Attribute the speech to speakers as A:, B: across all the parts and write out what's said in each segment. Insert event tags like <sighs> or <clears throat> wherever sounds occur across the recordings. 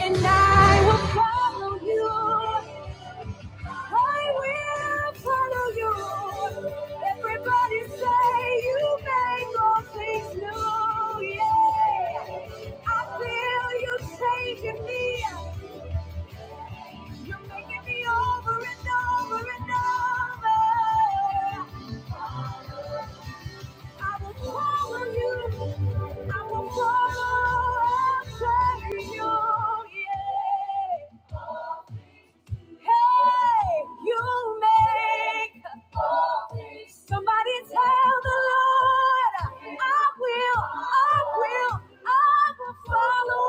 A: And I will follow you. I will follow you. Everybody say you make all things new. Yeah. I feel you taking me. You're making me over and over and over. I will follow you. I will follow after you. Yeah. Hey, you make all things. Somebody tell the Lord, I will, I will, I will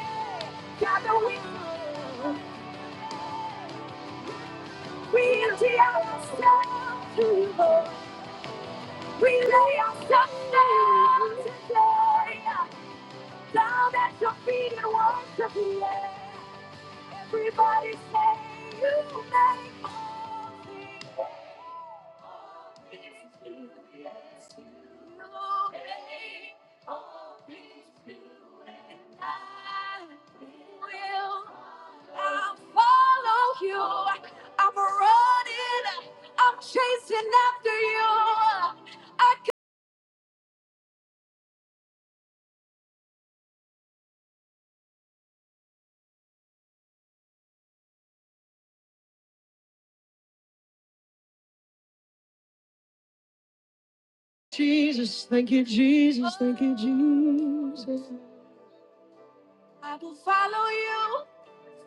A: follow. Gather we, we empty ourselves to you. We lay ourselves down today, down at your feet and worship you. Everybody say you make all things all things new. Yes, you make all things new, and I will. I'll follow you. I'm running. I'm chasing after you. I can- Jesus, thank you, Jesus, thank you, Jesus. I will follow you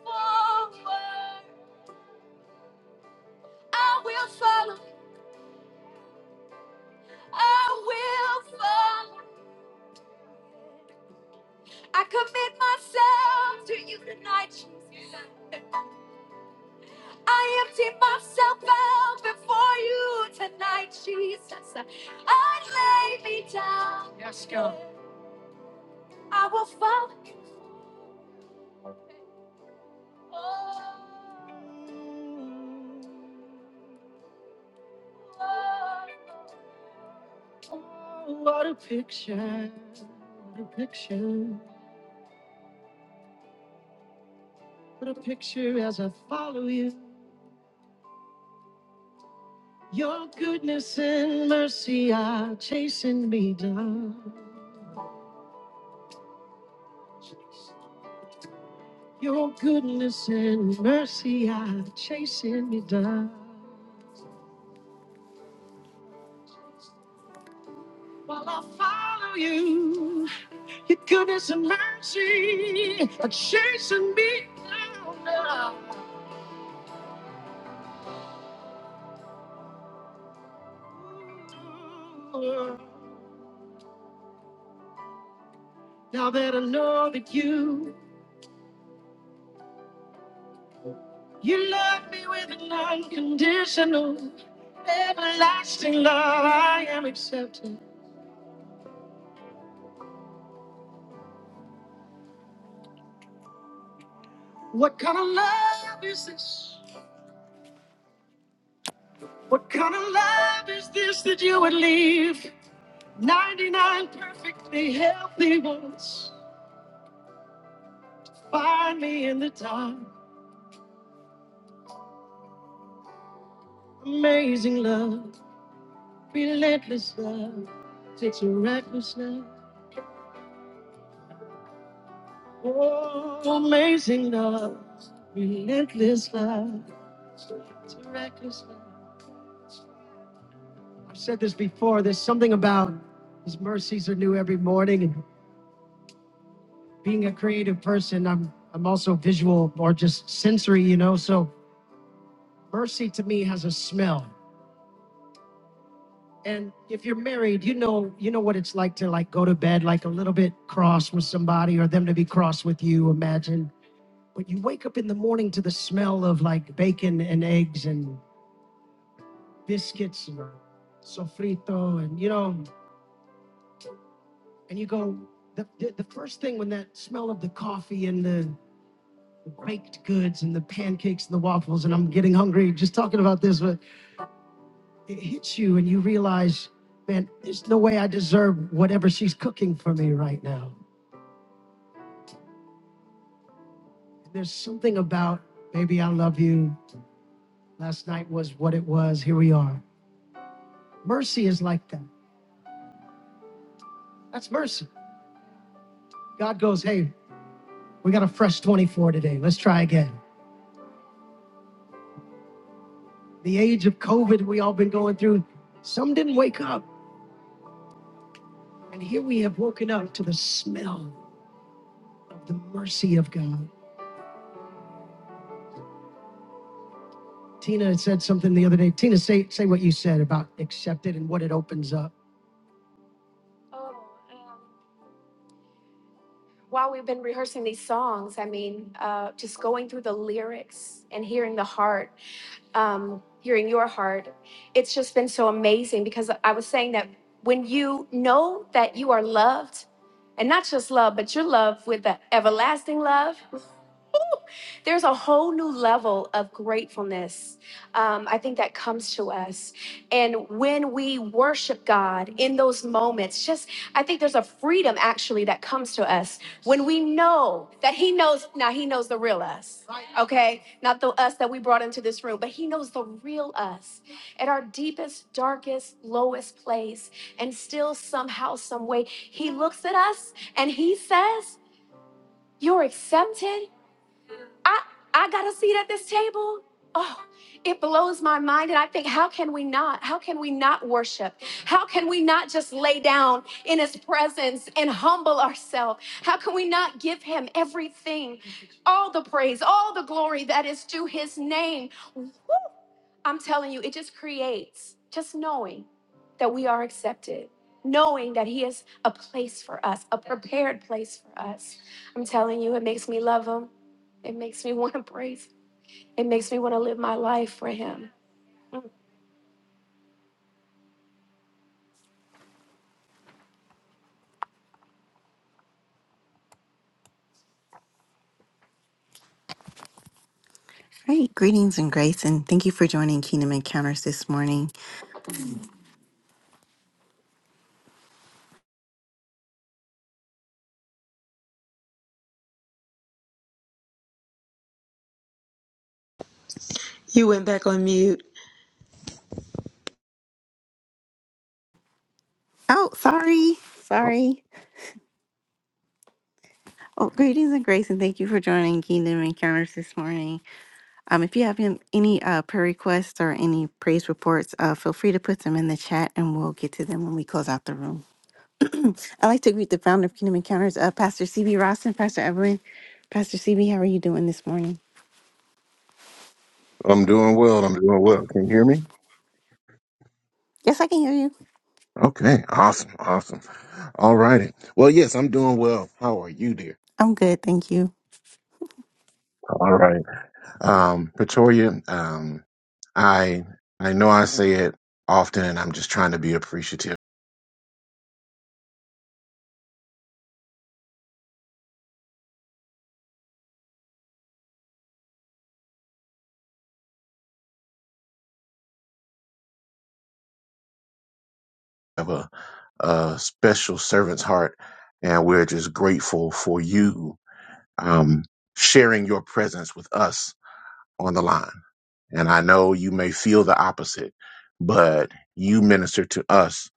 A: forward. I will follow. I will follow. I commit myself to you tonight, Jesus. I empty myself out before you tonight, Jesus. I lay me down. Yes, go. I will follow. Oh, what a picture. What a picture. What a picture as I follow you. Your goodness and mercy are chasing me down. Your goodness and mercy are chasing me down. While I follow you, your goodness and mercy are chasing me down now. Now that I know that you, you love me with an unconditional, everlasting love, I am accepted. What kind of love is this? What kind of love is this that you would leave? 99 perfectly healthy ones. Find me in the dark. Amazing love, relentless love, takes a reckless love. Oh, amazing love, relentless love, takes a reckless love. I've said this before. There's something about His mercies are new every morning. being a creative person, I'm I'm also visual or just sensory, you know. So mercy to me has a smell. And if you're married, you know you know what it's like to like go to bed like a little bit cross with somebody or them to be cross with you, imagine. But you wake up in the morning to the smell of like bacon and eggs and biscuits and sofrito and you know, and you go the, the, the first thing when that smell of the coffee and the baked goods and the pancakes and the waffles, and I'm getting hungry just talking about this, but it hits you and you realize, man, there's no way I deserve whatever she's cooking for me right now. There's something about, baby, I love you. Last night was what it was. Here we are. Mercy is like that. That's mercy. God goes, hey, we got a fresh 24 today. Let's try again. The age of COVID we all been going through, some didn't wake up. And here we have woken up to the smell of the mercy of God Tina said something the other day. Tina, say say what you said about accepted and what it opens up. Oh, um, while we've been rehearsing these songs, I mean, uh, just going through the lyrics and hearing the heart, um, hearing your heart, it's just been so amazing because I was saying that when you know that you are loved, and not just love, but you're loved with the everlasting love. <laughs> there's a whole new level of gratefulness um, i think that comes to us and when we worship god in those moments just i think there's a freedom actually that comes to us when we know that he knows now he knows the real us okay not the us that we brought into this room but he knows the real us at our deepest darkest lowest place and still somehow some way he looks at us and he says you're accepted I I got a seat at this table. Oh, it blows my mind. And I think, how can we not? How can we not worship? How can we not just lay down in his presence and humble ourselves? How can we not give him everything, all the praise, all the glory that is due his name? I'm telling you, it just creates just knowing that we are accepted, knowing that He has a place for us, a prepared place for us. I'm telling you, it makes me love Him. It makes me <laughs> want to praise Him. It makes me want to live my life for Him. Mm. Great. Greetings and grace, and thank you for joining Kingdom Encounters this morning.
B: You went back on mute.
A: Oh, sorry. Sorry. Oh, greetings and grace, and thank you for joining Kingdom Encounters this morning. Um, if you have an- any uh, prayer requests or any praise reports, uh, feel free to put them in the chat and we'll get to them when we close out the room. <clears throat> I'd like to greet the founder of Kingdom Encounters, uh, Pastor CB Ross and Pastor Evelyn. Pastor CB, how are you doing this morning?
C: I'm doing well. I'm doing well. Can you hear me?
A: Yes, I can hear you.
C: Okay. Awesome. Awesome. All righty. Well, yes, I'm doing well. How are you, dear?
A: I'm good. Thank you.
C: All right. Um, Pretoria, um, I I know I say it often, and I'm just trying to be appreciative of a, a special servant's heart, and we're just grateful for you um, sharing your presence with us on the line. And I know you may feel the opposite, but you minister to us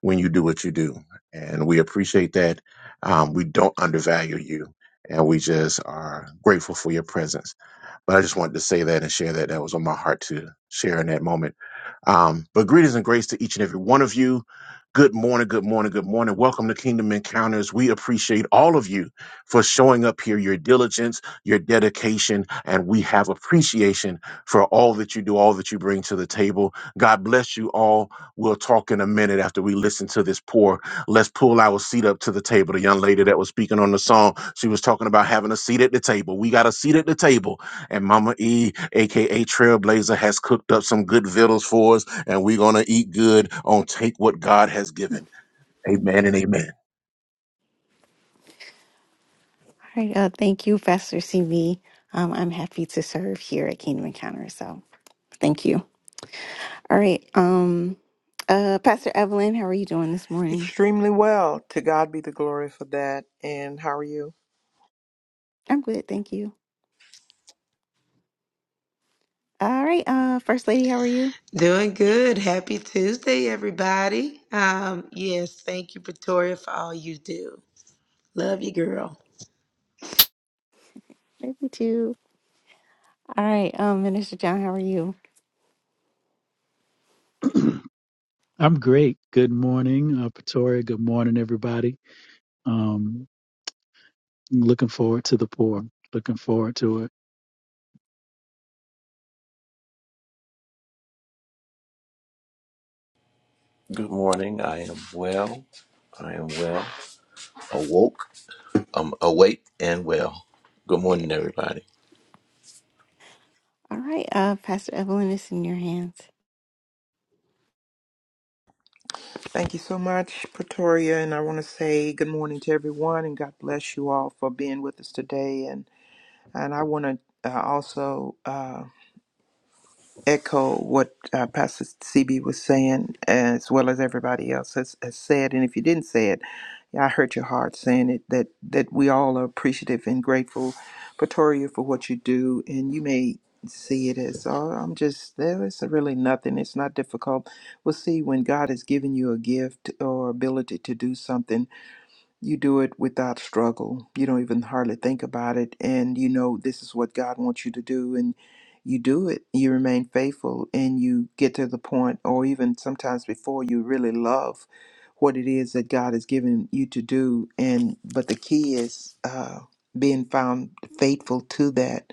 C: when you do what you do. And we appreciate that. Um, we don't undervalue you. And we just are grateful for your presence. But I just wanted to say that and share that. That was on my heart to share in that moment. Um, but greetings and grace to each and every one of you. Good morning, good morning, good morning. Welcome to Kingdom Encounters. We appreciate all of you for showing up here, your diligence, your dedication, and we have appreciation for all that you do, all that you bring to the table. God bless you all. We'll talk in a minute after we listen to this pour. Let's pull our seat up to the table. The young lady that was speaking on the song, she was talking about having a seat at the table. We got a seat at the table and Mama E, aka Trailblazer, has cooked up some good vittles for us, and we're gonna eat good on take what God has given. Amen and amen.
A: All right. Uh, thank you, Pastor CB. Um, I'm happy to serve here at Kingdom Encounters. So thank you. All right. Um uh Pastor Evelyn, how are you doing this morning?
D: Extremely well. To God be the glory for that. And how are you?
A: I'm good, thank you. All right, uh First Lady, how are you?
B: Doing good. Happy Tuesday, everybody. Um, yes, thank you, Pretoria, for all you do. Love you, girl.
A: Lady too. All right, um Minister John, how are you?
E: <clears throat> I'm great. Good morning, uh, Pretoria. Good morning, everybody. Um, looking forward to the pour. Looking forward to it.
A: Good. All right, uh Pastor Evelyn, it's in your hands.
D: Thank you so much, Pretoria. And I want to say good morning to everyone and God bless you all for being with us today. And and I want to uh, also. Uh, echo what uh, Pastor CB was saying, as well as everybody else has, has said. And if you didn't say it, I hurt your heart saying it. That that we all are appreciative and grateful, Pretoria, for what you do. And you may see it as, oh, I'm just there. It's really nothing. It's not difficult. We'll see when God has given you a gift or ability to do something you do it without struggle. You don't even hardly think about it. And you know, this is what God wants you to do. And you do it. You remain faithful and you get to the point, or even sometimes before, you really love what it is that God has given you to do. And, but the key is uh, being found faithful to that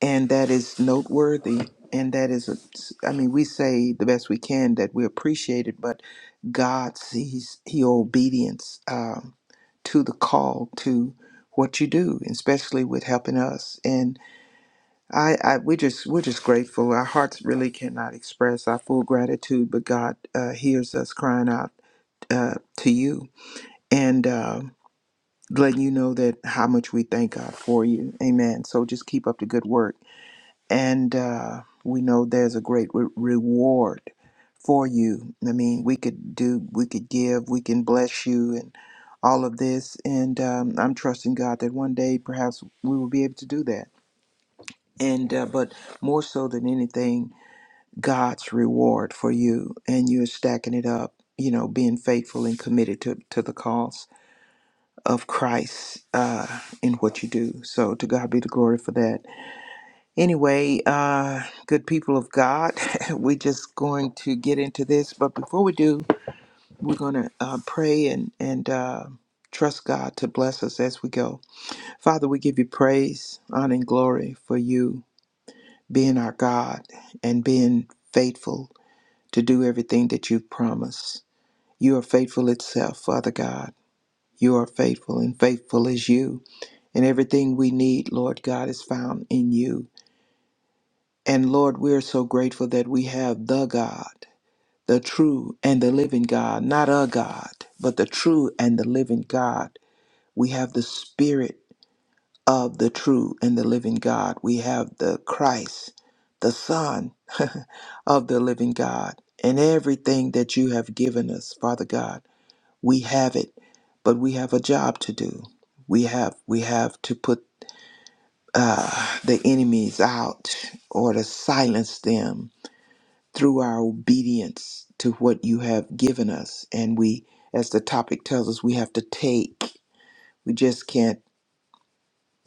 D: and that is noteworthy and that is a, i mean we say the best we can that we appreciate it but god sees your obedience um, to the call to what you do especially with helping us and I, I we just we're just grateful our hearts really cannot express our full gratitude but god uh, hears us crying out uh, to you and uh, letting you know that how much we thank god for you amen so just keep up the good work and uh, we know there's a great re- reward for you. I mean, we could do, we could give, we can bless you, and all of this. And um, I'm trusting God that one day perhaps we will be able to do that. And uh, but more so than anything, God's reward for you, and you're stacking it up. You know, being faithful and committed to to the cause of Christ uh, in what you do. So to God be the glory for that. Anyway, uh, good people of God, <laughs> we're just going to get into this. But before we do, we're going to uh, pray and, and uh, trust God to bless us as we go. Father, we give you praise, honor, and glory for you being our God and being faithful to do everything that you've promised. You are faithful itself, Father God. You are faithful, and faithful is you. And everything we need, Lord God, is found in you. And Lord, we are so grateful that we have the God, the true and the living God, not a God, but the true and the living God. We have the Spirit of the true and the living God. We have the Christ, the Son <laughs> of the living God. And everything that you have given us, Father God, we have it, but we have a job to do. We have we have to put uh, the enemies out or to silence them through our obedience to what you have given us. And we, as the topic tells us, we have to take. We just can't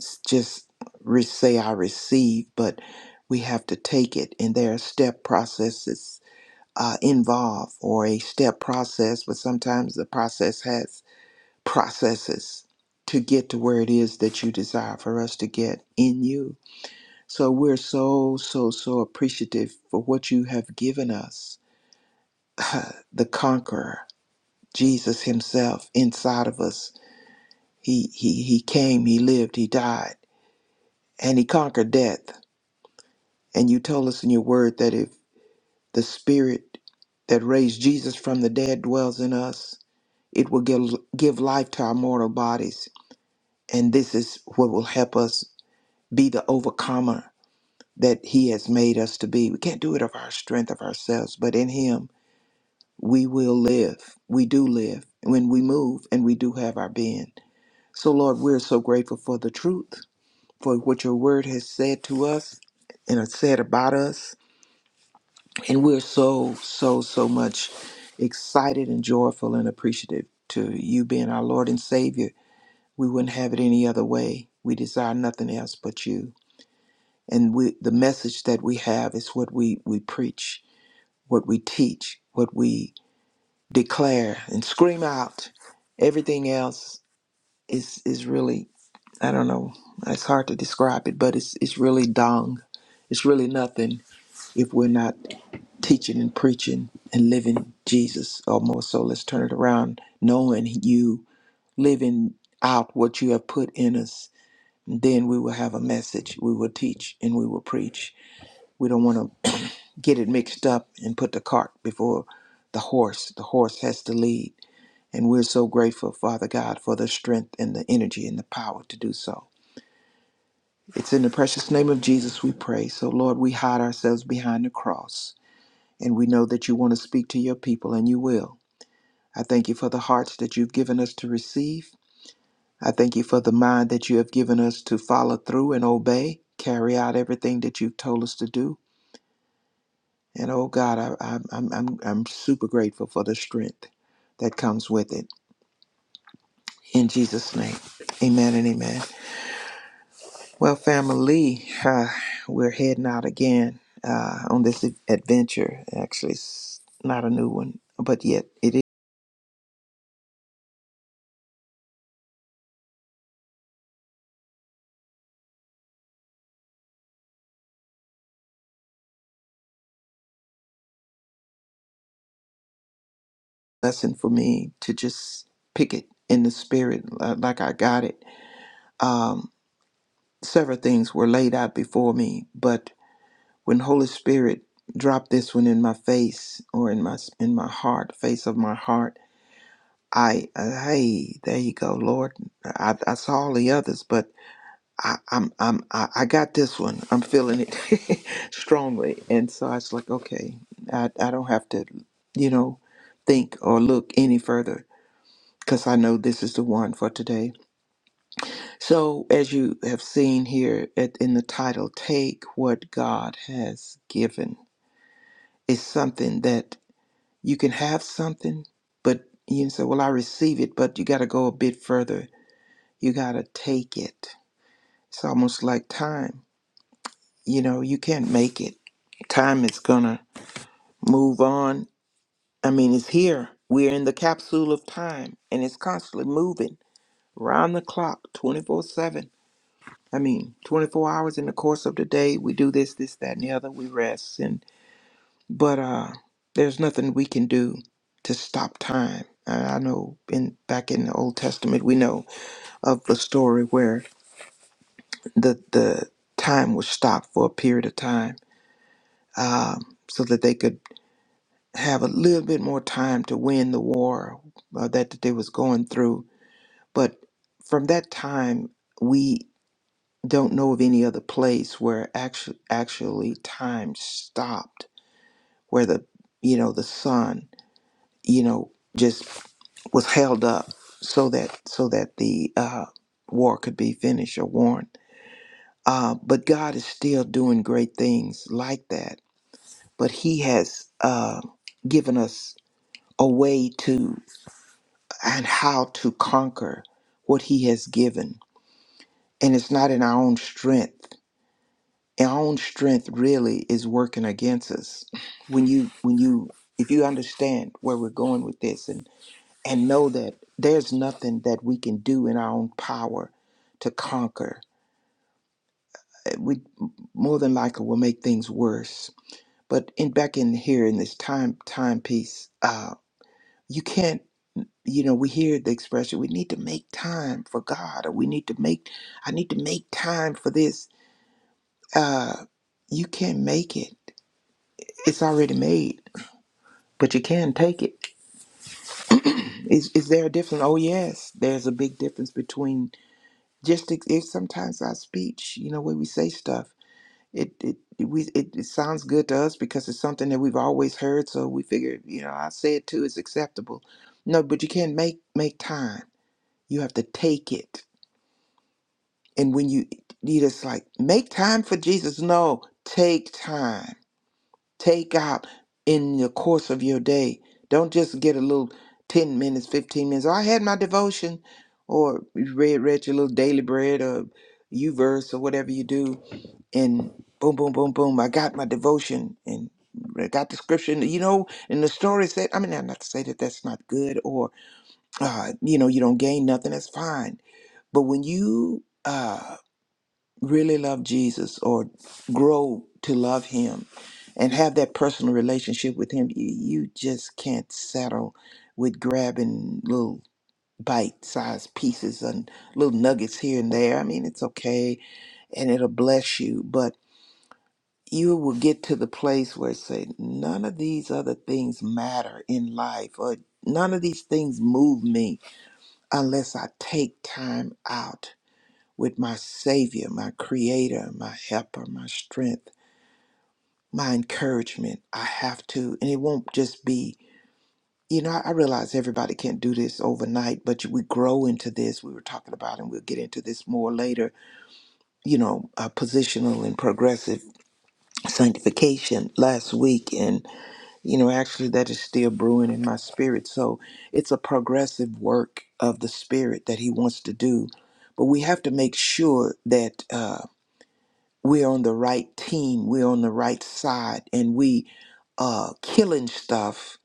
D: s- just re- say I receive, but we have to take it. And there are step processes uh, involved, or a step process, but sometimes the process has processes to get to where it is that you desire for us to get in you. So we're so, so, so appreciative for what you have given us <sighs> the conqueror, Jesus himself inside of us. He he he came, he lived, he died, and he conquered death. And you told us in your word that if the spirit that raised Jesus from the dead dwells in us, it will give give life to our mortal bodies. And this is what will help us be the overcomer that he has made us to be. We can't do it of our strength of ourselves, but in him we will live. We do live when we move and we do have our being. So, Lord, we're so grateful for the truth, for what your word has said to us and has said about us. And we're so, so, so much excited and joyful and appreciative to you being our Lord and Savior. We wouldn't have it any other way. We desire nothing else but you. And we, the message that we have is what we, we preach, what we teach, what we declare and scream out. Everything else is, is really I don't know. It's hard to describe it, but it's it's really dung. It's really nothing if we're not teaching and preaching and living Jesus. Or more so, let's turn it around, knowing you living out what you have put in us. Then we will have a message. We will teach and we will preach. We don't want to <clears throat> get it mixed up and put the cart before the horse. The horse has to lead. And we're so grateful, Father God, for the strength and the energy and the power to do so. It's in the precious name of Jesus we pray. So, Lord, we hide ourselves behind the cross, and we know that you want to speak to your people, and you will. I thank you for the hearts that you've given us to receive. I thank you for the mind that you have given us to follow through and obey, carry out everything that you've told us to do. And oh God, I, I, I'm, I'm, I'm super grateful for the strength that comes with it. In Jesus' name, amen and amen. Well, family, uh, we're heading out again uh, on this ad- adventure. Actually, it's not a new one, but yet it is a lesson for me to just pick it in the spirit uh, like I got it. Um, several things were laid out before me, but when Holy Spirit dropped this one in my face or in my in my heart, face of my heart, I uh, hey, there you go, Lord. I, I saw all the others, but I, I'm I'm I, I got this one. I'm feeling it <laughs> strongly, and so I was like, okay, I I don't have to, you know, think or look any further because I know this is the one for today. So as you have seen here at, in the title, take what God has given is something that you can have something, but you say, well, I receive it, but you got to go a bit further. You got to take it. It's almost like time You know, you can't make it. Time is going to move on. I mean, it's here. We're in the capsule of time and it's constantly moving round the clock 24 7. I mean, 24 hours in the course of the day, we do this, this, that, and the other. We rest. And, but, uh, there's nothing we can do to stop time. I I know in back in the Old Testament, we know of the story where the, the time was stopped for a period of time. Um, so that they could have a little bit more time to win the war uh, that they was going through. But from that time, we don't know of any other place where actually actually time stopped, where the you know the sun you know just was held up so that so that the uh, war could be finished or won. Uh, but God is still doing great things like that. But He has uh, given us a way to. and how to conquer what He has given. And it's not in our own strength. Our own strength really is working against us. When you, when you, if you understand where we're going with this, and and know that there's nothing that we can do in our own power to conquer, Uh, we more than likely will make things worse. But in back in here in this time timepiece, uh, you can't. you know, we hear the expression, we need to make time for God, or we need to make, I need to make time for this. Uh, you can't make it. It's already made, but you can take it. <clears throat> is, is there a difference? Oh, yes, there's a big difference between just ex- it's sometimes our speech, you know, when we say stuff. It, it it- we it, it sounds good to us because it's something that we've always heard, so we figure, you know, I say it too, it's acceptable. No, but you can't make make time. You have to take it And when you you just like make time for Jesus. No, take time. Take out in the course of your day. Don't just get a little 10 minutes, 15 minutes. Oh, I had my devotion or you read read your little daily bread or you verse or whatever you do and boom boom boom boom I got my devotion and I got the scripture and, you know and the story said I mean I'm not to say that that's not good or uh, you know you don't gain nothing that's fine but when you uh really love Jesus or grow to love him and have that personal relationship with him, you, you just can't settle with grabbing little bite sized pieces and little nuggets here and there. I mean, it's okay and it'll bless you, but you will get to the place where it's say none of these other things matter in life or none of these things move me unless I take time out with my Savior, my Creator, my Helper, my strength, my encouragement. I have to, and it won't just be, you know, I realize everybody can't do this overnight, but we grow into this. We were talking about, and we'll get into this more later, you know, uh, positional and progressive sanctification last week. And, you know, actually, that is still brewing in my spirit. So it's a progressive work of the Spirit that He wants to do. But we have to make sure that. uh, we're on the right team, we're on the right side, and we uh killing stuff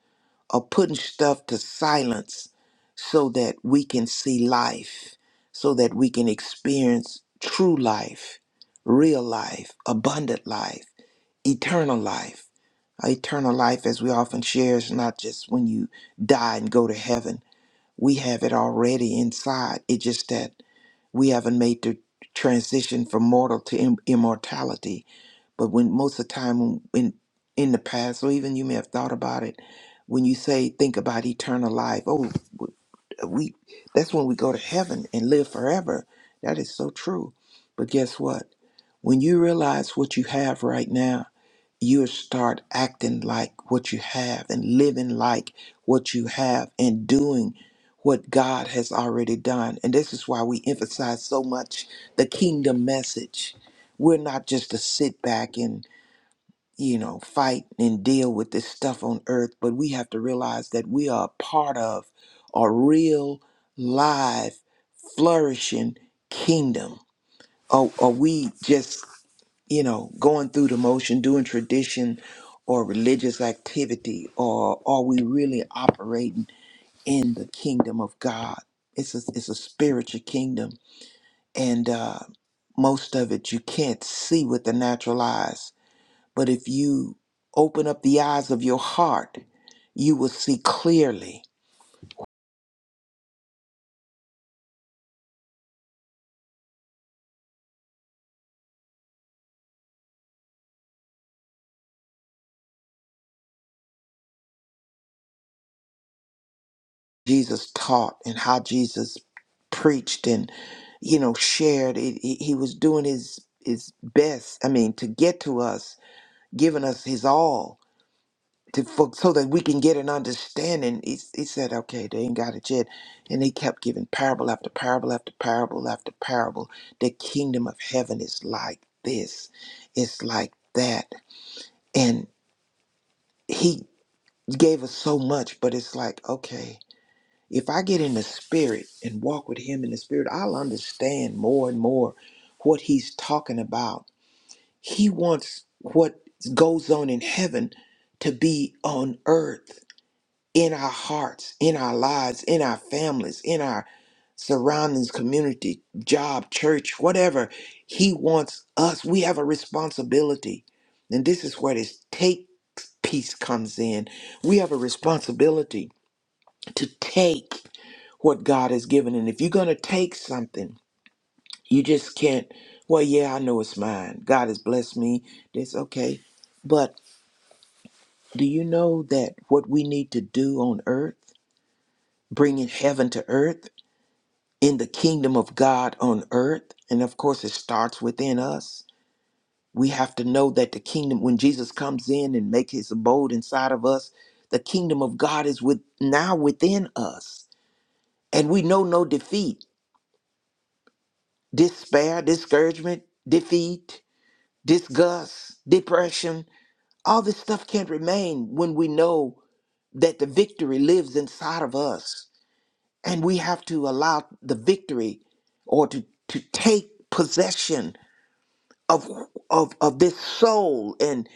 D: or putting stuff to silence so that we can see life, so that we can experience true life, real life, abundant life, eternal life. Eternal life, as we often share, is not just when you die and go to heaven. We have it already inside. It's just that we haven't made the transition from mortal to im- immortality but when most of the time when, in in the past, or even you may have thought about it, when you say think about eternal life, oh, we that's when we go to heaven and live forever. That is so true. But guess what? When you realize what you have right now, you start acting like what you have and living like what you have and doing what God has already done. And this is why we emphasize so much the kingdom message. We're not just to sit back and you know, fight and deal with this stuff on earth, but we have to realize that we are a part of a real, live, flourishing kingdom. Or are we just, you know, going through the motion, doing tradition or religious activity, or are we really operating in the kingdom of God? It's a, it's a spiritual kingdom, and uh, most of it you can't see with the natural eyes but if you open up the eyes of your heart, you will see clearly Jesus taught and how Jesus preached and you know shared it, he he was doing his his best i mean to get to us giving us his all to for, so that we can get an understanding he, he said okay they ain't got it yet and he kept giving parable after parable after parable after parable the kingdom of heaven is like this it's like that and he gave us so much, but it's like, okay, if I get in the spirit and walk with him in the spirit, I'll understand more and more what he's talking about. He wants what goes on in heaven to be on earth in our hearts, in our lives, in our families, in our surroundings, community, job, church, whatever. He wants us. We have a responsibility. And this is where this take piece comes in. We have a responsibility to take what God has given. And if you're going to take something, you just can't, well, yeah, I know it's mine. God has blessed me. That's okay. But do you know that what we need to do on earth, bringing heaven to earth, in the kingdom of God on earth, and of course it starts within us. We have to know that the kingdom, when Jesus comes in and make his abode inside of us, the kingdom of God is with now within us. And we know no defeat despair, discouragement, defeat, disgust, depression. All this stuff can't remain when we know that the victory lives inside of us. And we have to allow the victory or to, to take possession of, of, of this soul and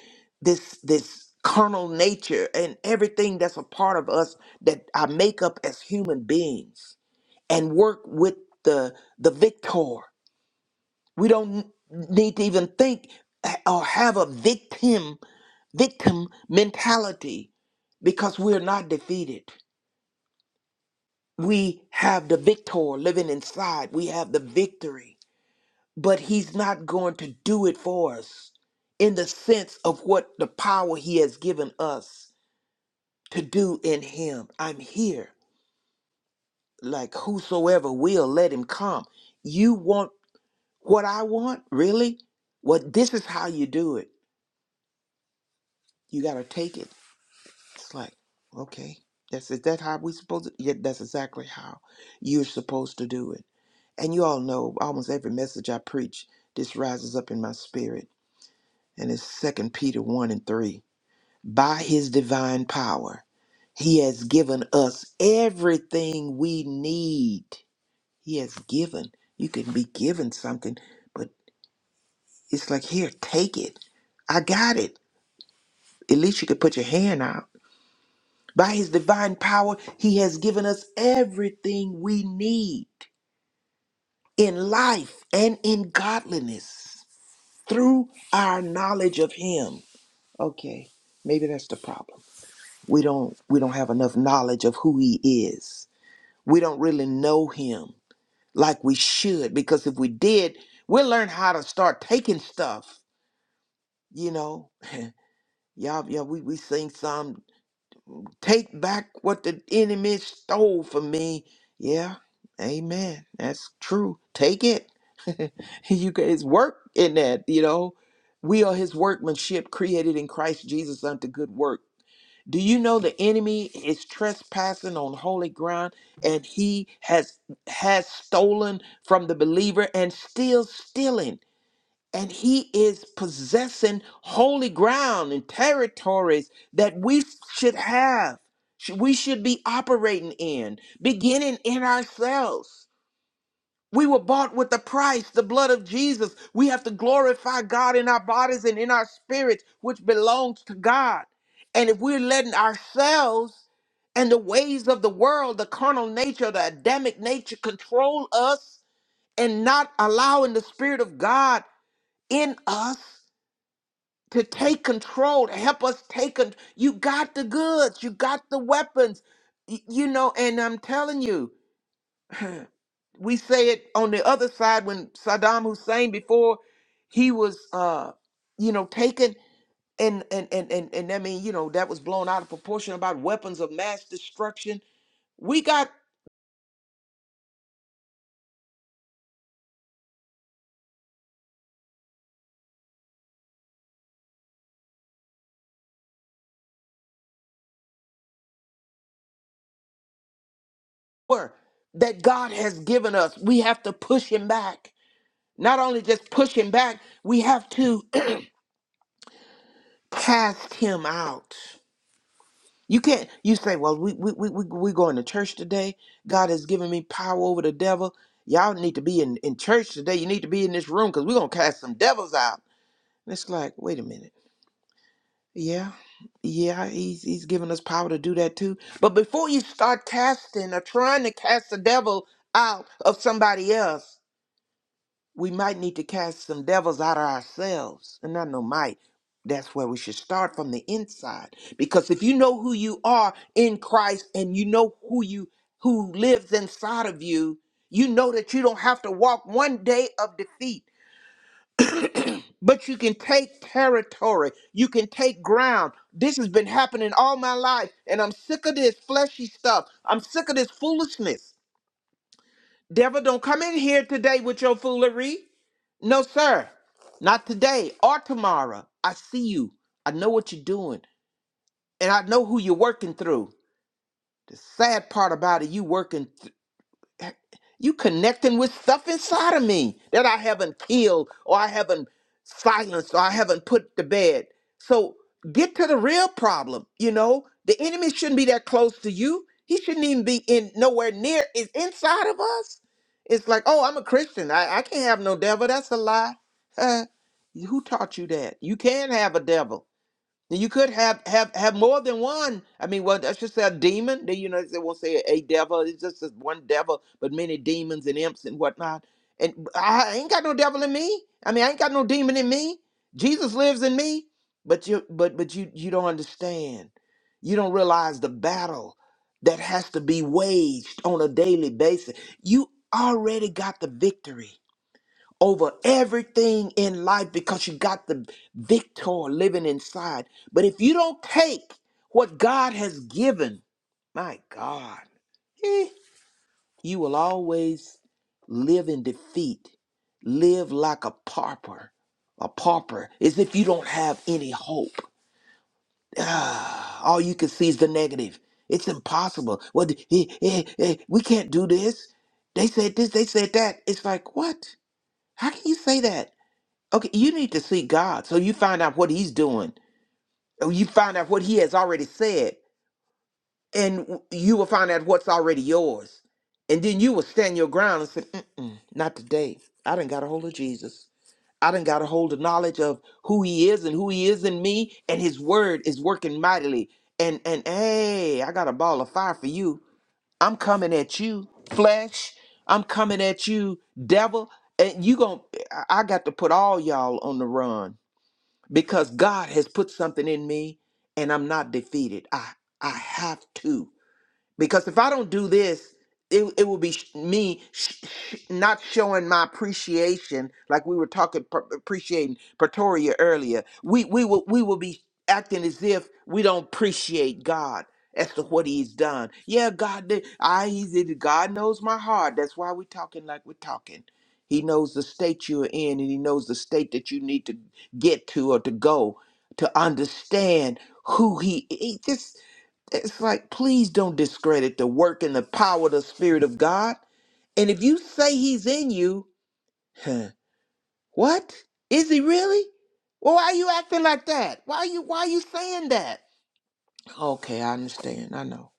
D: this, this carnal nature and everything that's a part of us that I make up as human beings and work with the, the victor We don't need to even think eh, or have a victim victim mentality because we're not defeated. We have the victor living inside. We have the victory. But he's not going to do it for us in the sense of what the power he has given us to do in him. I'm here. Like whosoever will let him come. You want what I want? Really? Well, this is how you do it. You got to take it. It's like, okay, that's is that how we supposed to? Yeah, that's exactly how you're supposed to do it. And you all know almost every message I preach, this rises up in my spirit. And it's Second Peter one and three. By his divine power, he has given us everything we need. He has given. You can be given something, but it's like here, take it. I got it. At least you could put your hand out. By his divine power, he has given us everything we need in life and in godliness through our knowledge of him. Okay, maybe that's the problem. We don't we don't have enough knowledge of who he is. We don't really know him like we should because if we did, we'll learn how to start taking stuff, you know. <laughs> y'all yeah, we we sing Psalm Take back what the enemy stole from me. Yeah, amen. That's true. Take it. <laughs> you guys work in that, you know. We are his workmanship created in Christ Jesus unto good work. Do you know the enemy is trespassing on holy ground and he has has stolen from the believer and still stealing? and he is possessing holy ground and territories that we should have sh- we should be operating in beginning in ourselves we were bought with a price the blood of jesus we have to glorify god in our bodies and in our spirits which belongs to god and if we're letting ourselves and the ways of the world the carnal nature the adamic nature control us and not allowing the spirit of god in us to take control, to help us take con- You got the goods, you got the weapons, y- you know. And I'm telling you, we say it on the other side when Saddam Hussein before he was, uh, you know, taken and and and and and I mean, you know, that was blown out of proportion about weapons of mass destruction. We got power that God has given us. We have to push him back. Not only just push him back, we have to <clears throat> cast him out You can't you say, Well, we we we we we going to church today. God has given me power over the devil. Y'all need to be in, in church today. You need to be in this room because we're gonna cast some devils out. And it's like, wait a minute. Yeah, yeah, he's he's giving us power to do that too. But before you start casting or trying to cast the devil out of somebody else, we might need to cast some devils out of ourselves. And I know might. That's where we should start from the inside. Because if you know who you are in Christ and you know who you who lives inside of you, you know that you don't have to walk one day of defeat, but you can take territory. You can take ground. This has been happening all my life, and I'm sick of this fleshy stuff. I'm sick of this foolishness. Devil, don't come in here today with your foolery. No, sir. Not today or tomorrow. I see you. I know what you're doing. And I know who you're working through. The sad part about it, you working you connecting with stuff inside of me that I haven't killed or I haven't silenced or I haven't put to bed. So get to the real problem. You know, the enemy shouldn't be that close to you. He shouldn't even be in nowhere near is inside of us. It's like, oh, I'm a Christian. I, I can't have no devil. That's a lie. <laughs> Uh, who taught you that? You can have a devil. Then you could have have have more than one. I mean, well, I should say a demon. Then you know they won't say a devil. It's just this one devil, but many demons and imps and whatnot. And I ain't got no devil in me. I mean, I ain't got no demon in me. Jesus lives in me. But you, but but you, you don't understand. You don't realize the battle that has to be waged on a daily basis. You already got the victory over everything in life because you got the victor living inside. But if you don't take what God has given, my God, eh, you will always live in defeat, live like a pauper. A pauper as if you don't have any hope. Ah, all you can see is the negative. It's impossible. Well, th- eh, eh, eh, we can't do this. They said this, they said that. It's like, what? How can you say that? Okay, you need to seek God so you find out what He's doing. Or You find out what He has already said, and w- you will find out what's already yours. And then you will stand your ground and say, Mm-mm, Not today. I done got a hold of Jesus. I done got a hold of knowledge of who He is and who He is in me, and His word is working mightily. And, and hey, I got a ball of fire for you. I'm coming at you, flesh. I'm coming at you, devil. And you gon' I I got to put all y'all on the run because God has put something in me and I'm not defeated. I I have to because if I don't do this, it it will be sh- me sh- sh- not showing my appreciation, like we were talking pr- appreciating Pretoria earlier. We we will we will be acting as if we don't appreciate God as to what He's done. Yeah, God, did- I He did. God knows my heart. That's why we're talking like we're talking. He knows the state you're in, and He knows the state that you need to get to or to go to understand who He is. It's like, please don't discredit the work and the power of the Spirit of God. And if you say He's in you, huh, what? Is He really? Well, why are you acting like that? Why are you why are you saying that? Okay, I understand. I know.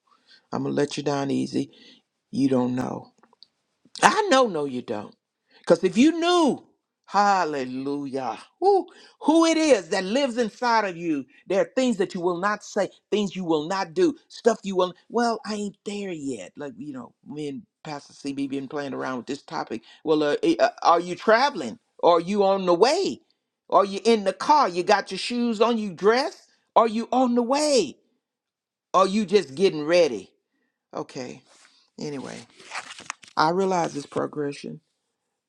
D: I'm gonna let you down easy. You don't know. I know, no, you don't. Because if you knew, hallelujah, who, who it is that lives inside of you, there are things that you will not say, things you will not do, stuff you will, well, I ain't there yet. Like, you know, me and Pastor CB been playing around with this topic. Well, uh, eh, uh, are you traveling? Are you on the way? Are you in the car? You got your shoes on, you dressed? Are you on the way? Are you just getting ready? Okay, anyway, I realize this progression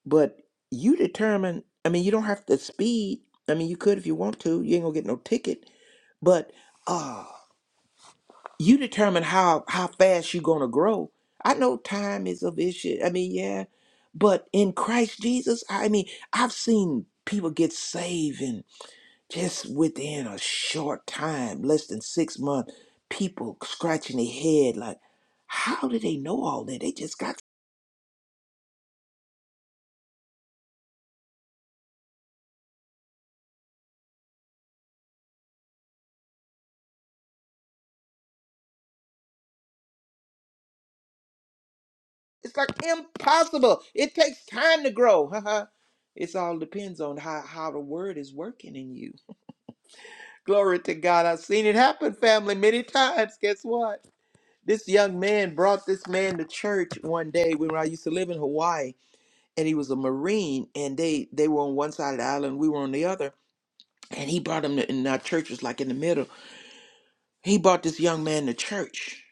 D: but you determine i mean you don't have to speed i mean you could if you want to you ain't gonna get no ticket but uh you determine how how fast you're gonna grow i know time is of issue i mean yeah but in christ jesus i mean i've seen people get saved and just within a short time less than six months people scratching their head like how do they know all that they just got It's like impossible. It takes time to grow. <laughs> it all depends on how, how the word is working in you. Glory to God. I've seen it happen, family, many <laughs> times. Guess what? This young man brought this man to church one day when I used to live in Hawaii, and he was a Marine, and they they were on one side of the island, we were on the other. And he brought him, to, and our church was like in the middle. He brought this young man to church.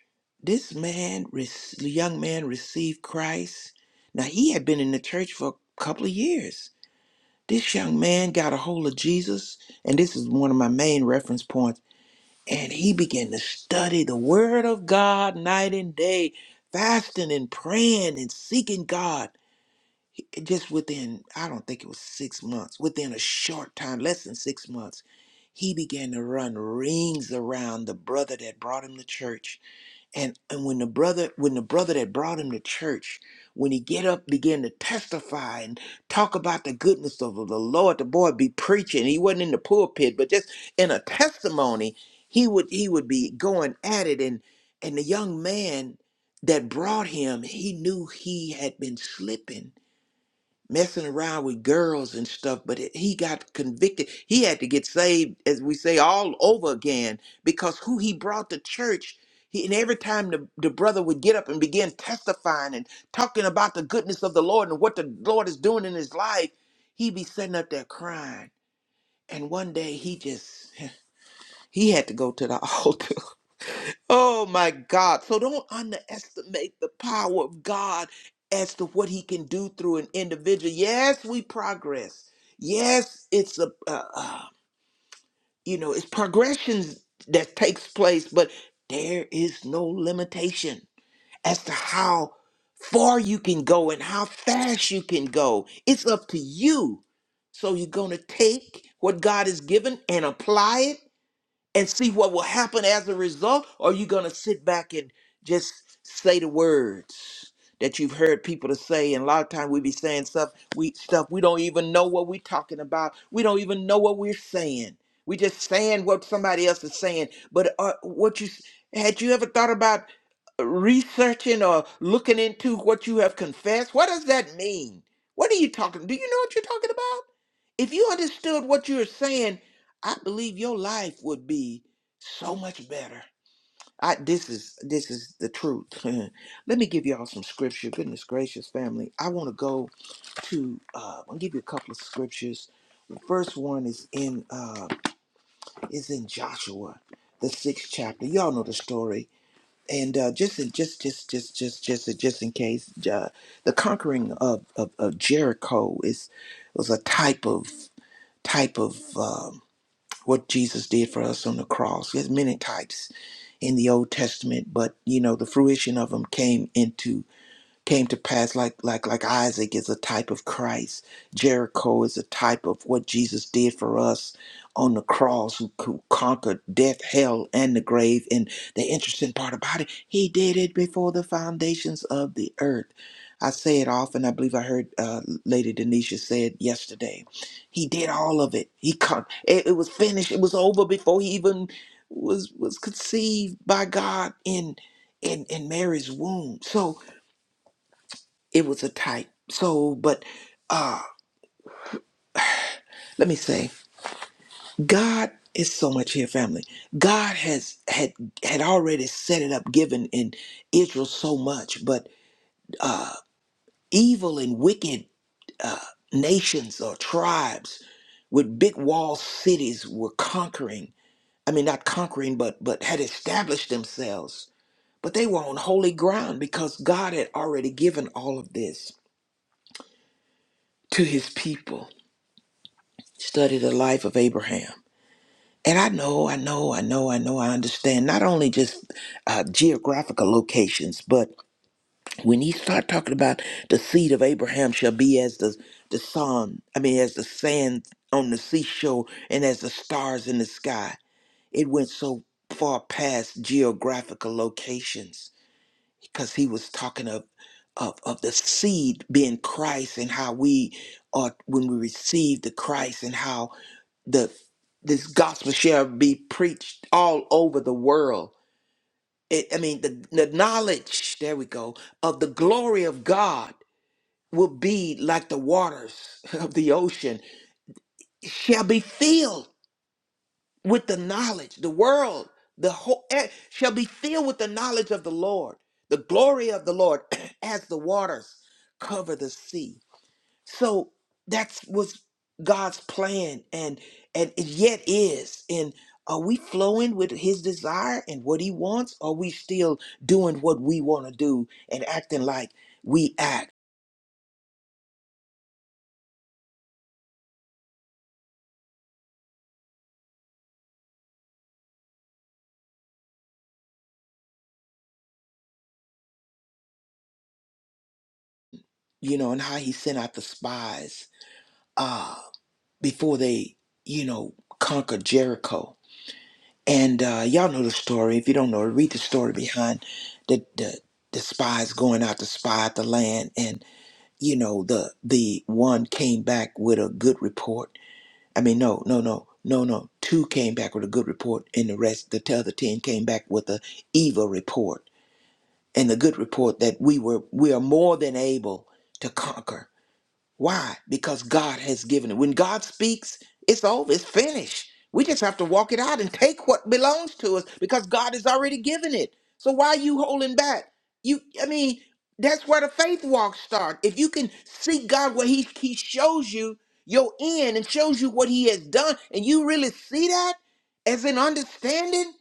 D: This man, rec- the young man received Christ. Now, he had been in the church for a couple of years. This young man got a hold of Jesus, and this is one of my main reference points. And he began to study the Word of God night and day, fasting and praying and seeking God. He- Just within, I don't think it was six months, within a short time, less than six months, he began to run rings around the brother that brought him to church. And, and when the brother, when the brother that brought him to church, when he get up, began to testify and talk about the goodness of the Lord, the boy be preaching. He wasn't in the pulpit, but just in a testimony, he would he would be going at it. And and the young man that brought him, he knew he had been slipping messing around with girls and stuff, but it, he got convicted. He had to get saved, as we say, all over again because who he brought to church. He, and every time the, the brother would get up and begin testifying and talking about the goodness of the Lord and what the Lord is doing in his life, he'd be sitting up there crying. And one day he just, <laughs> he had to go to the <laughs> altar Oh my God. So don't underestimate the power of God as to what he can do through an individual. Yes, we progress. Yes, it's a, uh, uh, you know, it's progressions that takes place, but there is no limitation as to how far you can go and how fast you can go. It's up to you. So you're going to take what God has given and apply it and see what will happen as a result? Or are you going to sit back and just say the words that you've heard people to say? And a lot of times we be saying stuff we stuff we don't even know what we're talking about. We don't even know what we're saying. We just saying what somebody else is saying. But uh, what you s- had you ever thought about uh, researching or looking into what you have confessed? What does that mean? What are you talking? Do you know what you're talking about? If you understood what you're saying I believe your life would be so much better. I this is this is the truth. <laughs> Let me give y'all some scripture. Goodness gracious, family. I want to go to uh I'll give you a couple of scriptures. The first one is in uh is in Joshua, the sixth chapter. Y'all know the story. And uh, just in just just just just just just in case, uh, the conquering of, of, of Jericho is was a type of type of um, what Jesus did for us on the cross. There's many types in the Old Testament, but you know the fruition of them came into came to pass like like like Isaac is a type of Christ. Jericho is a type of what Jesus did for us on the cross who, who conquered death, hell and the grave. And the interesting part about it, he did it before the foundations of the earth. I say it often. I believe I heard uh, Lady Denisha say it yesterday. He did all of it. He con- it, it was finished. It was over before he even was was conceived by God in in in Mary's womb. So it was a type. So, but uh let me say, God is so much here, family. God has had had already set it up, given in Israel so much, but uh evil and wicked uh nations or tribes with big wall cities were conquering. I mean not conquering, but but had established themselves. But they were on holy ground because God had already given all of this to his people. Study the life of Abraham. And I know, I know, I know, I know, I understand not only just uh, geographical locations, but when you start talking about the seed of Abraham shall be as the, the sun, I mean, as the sand on the seashore and as the stars in the sky, it went so far past geographical locations because he was talking of, of, of the seed being Christ and how we are, when we receive the Christ and how the this gospel shall be preached all over the world. It, I mean, the, the knowledge, there we go, of the glory of God will be like the waters <laughs> of the ocean, shall be filled with the knowledge. The world, the whole, eh, shall be filled with the knowledge of the Lord, the glory of the Lord, <clears throat> as the waters cover the sea. So that's was God's plan, and and it yet is. And are we flowing with His desire and what He wants? Or are we still doing what we want to do and acting like we act? You know, and how He sent out the spies uh, before they, you know, conquered Jericho. And uh, y'all know the story. If you don't know, it, read the story behind the the, the spies going out to spy out the land. you know the the one came back with a good report i mean no no no no no two came back with a good report and the rest the other 10 came back with a evil report and the good report that we were we are more than able to conquer why? Because God has given it. When God speaks, it's over, it's finished. We just have to walk it out and take what belongs to us because God has already given it. So why are you holding back? You I mean, that's where the faith walks start. If you can seek God where He He shows you your end and shows you what He has done, and you really see that as an understanding,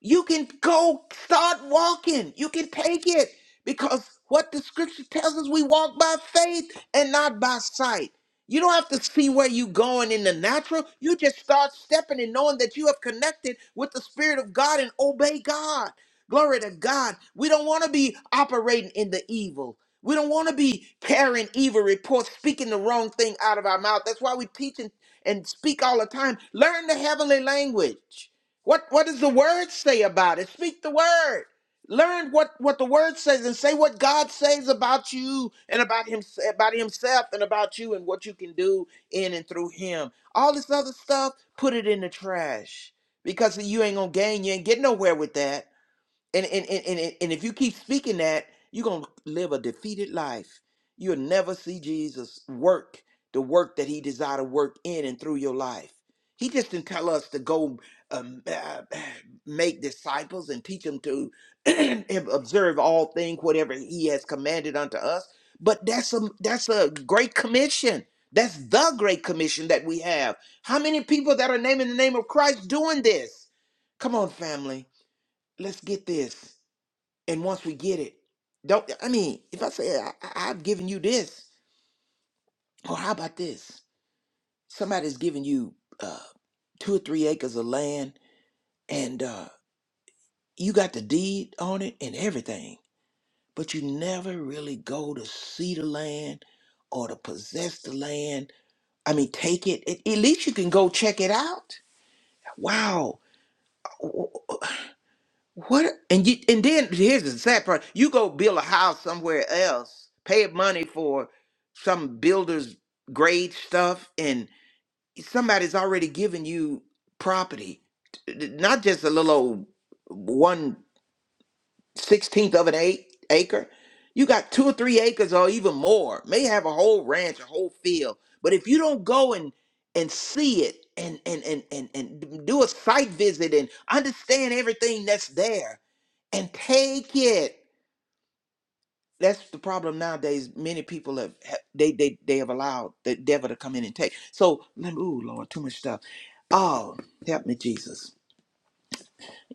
D: you can go start walking. You can take it because what the scripture tells us, we walk by faith and not by sight. You don't have to see where you're going in the natural. You just start stepping and knowing that you have connected with the Spirit of God and obey God. Glory to God. We don't want to be operating in the evil. We don't want to be carrying evil reports, speaking the wrong thing out of our mouth. That's why we teach and, and speak all the time. Learn the heavenly language. What what does the word say about it? Speak the word. Learn what what the word says and say what God says about you and about him about himself and about you and what you can do in and through him. All this other stuff, put it in the trash because you ain't going to gain, you ain't get nowhere with that. And and and and, and if you keep speaking that, you're gonna live a defeated life. You'll never see Jesus work the work that He desired to work in and through your life. He just didn't tell us to go um, <clears throat> uh, make disciples and teach them to <clears throat> observe all things, whatever He has commanded unto us. But that's a that's a great commission. That's the great commission that we have. How many people that are naming the name of Christ doing this? Come on, family, let's get this. And once we get it, don't I mean, if I say I, I- I've given you this, or how about this? Somebody's giving you uh, two or three acres of land, and uh, you got the deed on it and everything, but you never really go to see the land or to possess the land. I mean, take it. At, at least you can go check it out. Wow, What and you and then here's the sad part. You go build a house somewhere else, pay money for some builder's grade stuff, and somebody's already given you property. T- t- Not just a little old one sixteenth of an eight acre. You got two or three acres or even more. May have a whole ranch, a whole field. But if you don't go and and see it and and and and, and do a site visit and understand everything that's there and take it. That's the problem nowadays. Many people have ha- they they they have allowed the devil to come in and take. So let me, ooh Lord, too much stuff. Oh, help me, Jesus.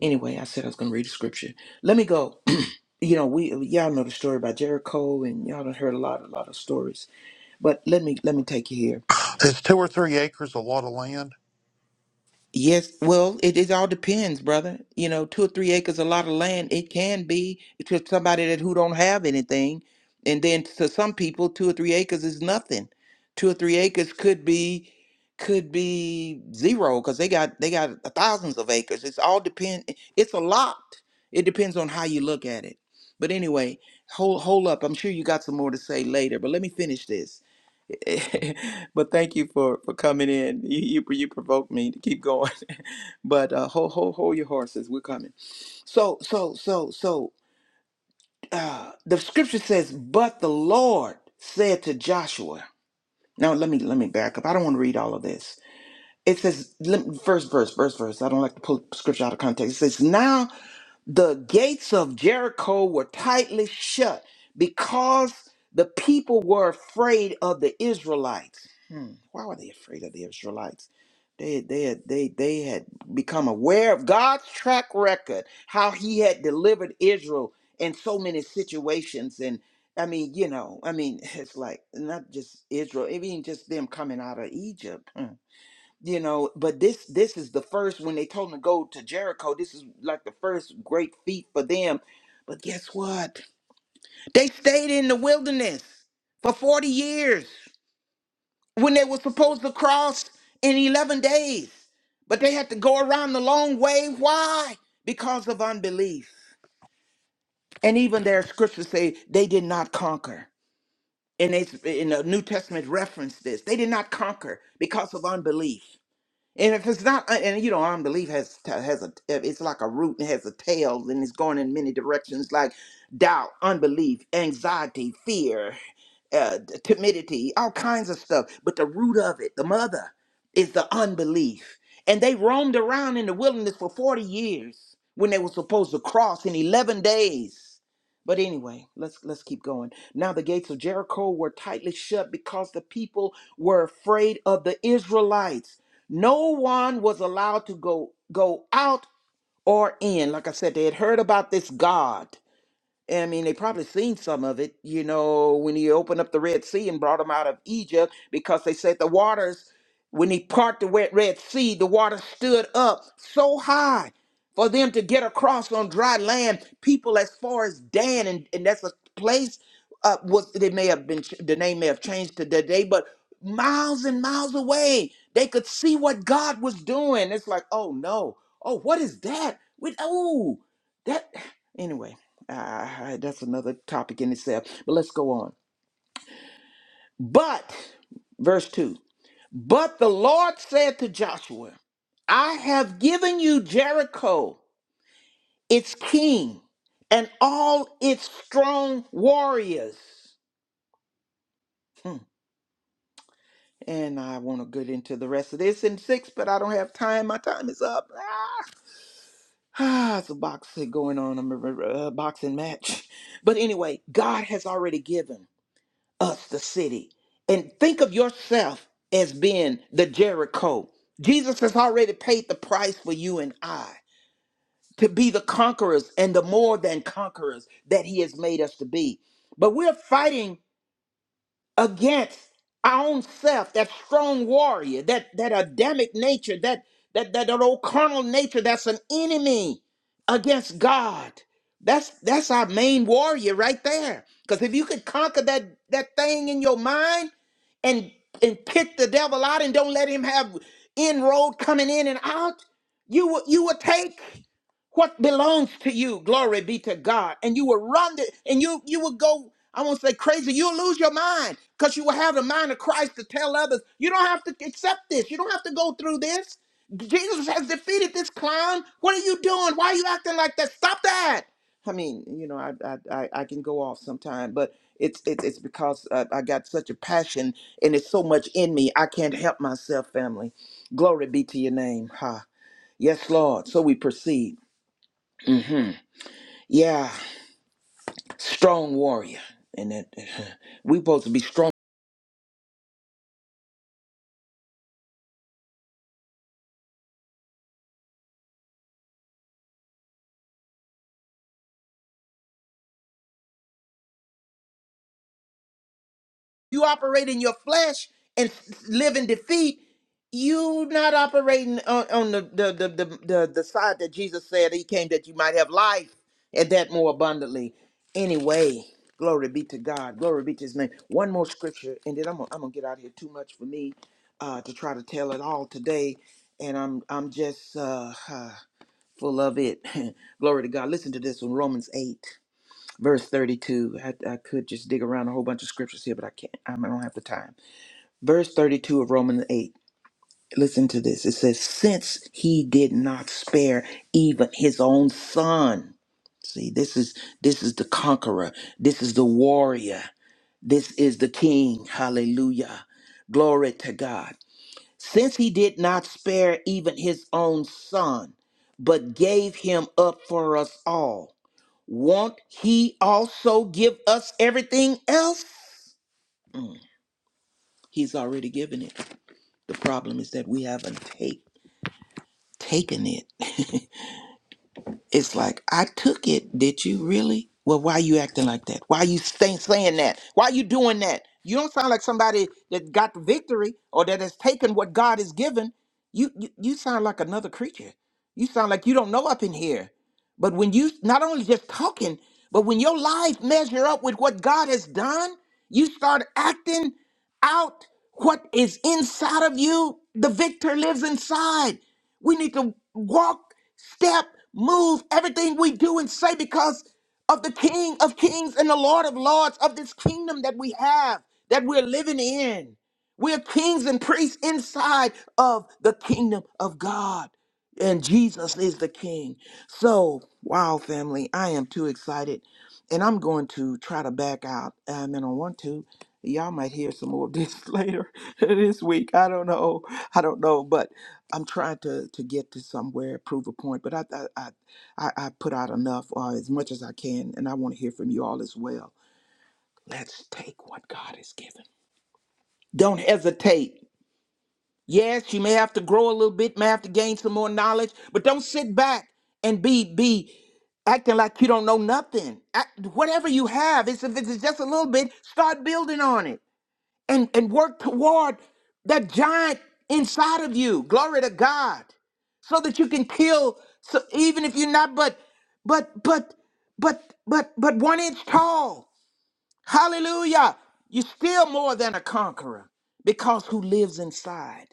D: Anyway, I said I was gonna read the scripture. Let me go. <clears throat> you know, we y'all know the story about Jericho, and y'all done heard a lot, a lot of stories. But let me let me take you here.
F: Is two or three acres a lot of land?
D: Yes, well, it, it all depends, brother. You know, two or three acres, a lot of land. It can be to somebody that who don't have anything, and then to some people, two or three acres is nothing. Two or three acres could be could be zero because they got they got thousands of acres. It's all depend. It's a lot. It depends on how you look at it. But anyway, hold hold up. I'm sure you got some more to say later, but let me finish this. <laughs> but thank you for for coming in. You you, you provoked me to keep going, <laughs> but uh, hold hold hold your horses. We're coming. So so so so uh, the scripture says, "But the Lord said to Joshua." Now let me let me back up. I don't want to read all of this. It says let first verse, first verse. I don't like to pull scripture out of context. It says now the gates of Jericho were tightly shut because the people were afraid of the Israelites. Hmm. Why were they afraid of the Israelites? They, they, had, they, they had become aware of God's track record, how he had delivered Israel in so many situations. And I mean, you know, I mean, <laughs> it's like not just Israel, even just them coming out of Egypt. hmm you know but this this is the first when they told them to go to jericho this is like the first great feat for them but guess what they stayed in the wilderness for 40 years when they were supposed to cross in 11 days but they had to go around the long way why because of unbelief and even their scriptures say they did not conquer and they in the new testament reference this they did not conquer because of unbelief And if it's not, uh, and you know, unbelief has has a uh, it's like a root and has a tail, and it's going in many directions, like doubt, unbelief, anxiety, fear, uh, t- timidity, all kinds of stuff. But the root of it, the mother, is the unbelief. And they roamed around in the wilderness for forty years when they were supposed to cross in eleven days. But anyway, let's let's keep going. Now the gates of Jericho were tightly shut because the people were afraid of the Israelites no one was allowed to go go out or in. Like I said, they had heard about this God I mean, they probably seen some of it, you know, when he opened up the Red Sea and brought them out of Egypt because they said the waters, when he parted the wet Red Sea, the water stood up so high for them to get across on dry land. People as far as Dan, and, and that's a place, uh, was they may have been, ch- the name may have changed to today, but miles and miles away, they could see what God was doing. It's like, oh no, oh, what is that? With oh, that, <sighs> anyway Ah, that's another topic in itself, but let's go on. But, verse 2 But the Lord said to Joshua, I have given you Jericho, its king, and all its strong warriors. Hmm. And I want to get into the rest of this in six, but I don't have time. My time is up. Ah, <sighs> Ah, it's a boxing going on, a a, a boxing match. <laughs> But anyway, God has already given. us the city. And think of yourself as being the Jericho. Jesus has already paid the price for you and I to be the conquerors and the more than conquerors that he has made us to be. But we're fighting against our own self, that strong warrior, that that Adamic nature, that that that, that old carnal nature that's an enemy against God. That's that's our main warrior right there. Because if you could conquer that that thing in your mind and and pick the devil out and don't let him have inroad coming in and out, you will you will take what belongs to you. Glory be to God. And you will run it, and you you will go. I won't say crazy. You'll lose your mind because you will have the mind of Christ to tell others. You don't have to accept this. You don't have to go through this. Jesus has defeated this clown. What are you doing? Why are you acting like that? Stop that. I mean, you know, I I, I, I can go off sometime, but it's it's, it's because uh, I got such a passion and it's so much in me. I can't help myself, family. Glory be to your name. Ha. Yes, Lord. So we proceed hmm Yeah, strong warrior, and that <laughs> we supposed to be strong. You operate in your flesh and s- live in defeat. You not operating on, on the, the, the the the the side that Jesus said He came that you might have life and that more abundantly. Anyway, glory be to God. Glory be to His name. One more scripture, and then I'm gonna, I'm gonna get out of here. Too much for me uh, to try to tell it all today, and I'm I'm just. Uh, <sighs> full of it. <laughs> Glory to God. Listen to this one, Romans 8, verse 32. I, I could just dig around a whole bunch of scriptures here, but I can't. I don't have the time. Verse 32 of Romans 8. Listen to this. It says, Since he did not spare even his own son. See, this is this is the conqueror. This is the warrior. This is the king. Hallelujah. Glory to God. Since he did not spare even his own son, but gave him up for us all, won't he also give us everything else? Mm, he's already given it. The problem is that we haven't take, taken it. <laughs> It's like, I took it. Did you really? Well, why you acting like that? Why you stay saying that? Why you doing that? You don't sound like somebody that got the victory or that has taken what God has given. You, you, you sound like another creature. You sound like you don't know up in here. But when you not only just talking, but when your life measure up with what God has done, you start acting out what is inside of you. The victor lives inside. We need to walk, step, move everything we do and say because of the King of Kings and the Lord of Lords of this kingdom that we have, that we're living in. We're kings and priests inside of the kingdom of God and Jesus is the King. So, wow, family, I am too excited, and I'm going to try to back out. Um, and I want to. Y'all might hear some more of this <laughs> later this week. I don't know. I don't know, but I'm trying to to get to somewhere, prove a point. But I I I, I I put out enough, or as much as I can, and I want to hear from you all as well. Let's take what God has given. Don't hesitate. Yes, you may have to grow a little bit, may have to gain some more knowledge, but don't sit back and be be acting like you don't know nothing. Act, whatever you have, it's, if it's just a little bit, start building on it and and work toward that giant inside of you. Glory to God, so that you can kill. So even if you're not, but but but but but but one inch tall. Hallelujah! You're still more than a conqueror because who lives inside.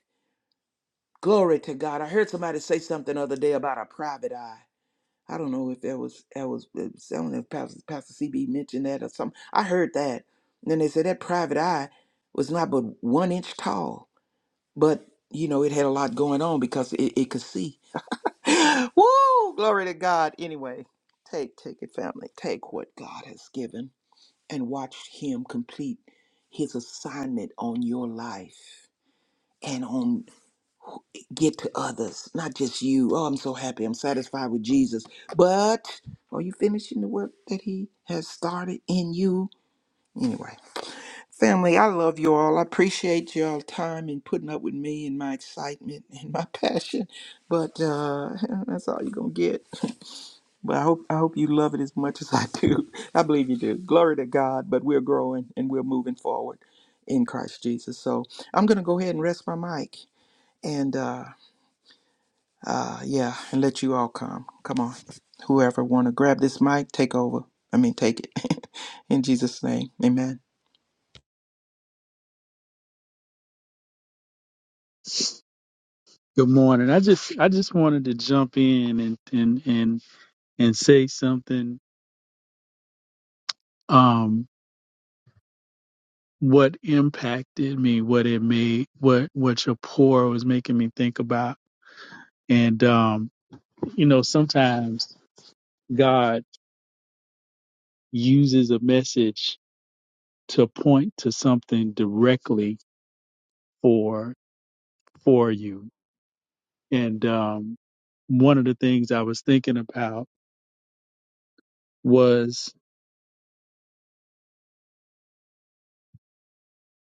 D: Glory to God. I heard somebody say something the other day about a private eye. I don't know if that was that was it was- I don't know if Pastor, Pastor CB mentioned that or something. I heard that. And then they said that private eye was not but one inch tall, but you know, it had a lot going on because it, it could see. <gasps> <laughs> Woo! Glory to God. Anyway, take take it, family. Take what God has given and watch him complete his assignment on your life and on get to others, not just you. Oh, I'm so happy. I'm satisfied with Jesus. But are you finishing the work that He has started in you? Anyway, family, I love you all. I appreciate y'all time and putting up with me and my excitement and my <laughs> passion. But uh, <laughs> that's all you're gonna get. <laughs> But I hope I hope you love it as much as I do. <laughs> I believe you do. Glory to God. But we're growing and we're moving forward in Christ Jesus. So I'm gonna go ahead and rest my mic. And uh, uh, yeah, and let you all come. Come on. Whoever want to grab this mic, take over. I mean, take it. <laughs> In Jesus' name, amen.
E: Good morning. I just I just wanted to jump in and and and and say something. Um, what impacted me? What it made? What what your pour was making me think about? And um, you know, sometimes God uses a message to point to something directly for for you And um, one of the things I was thinking about was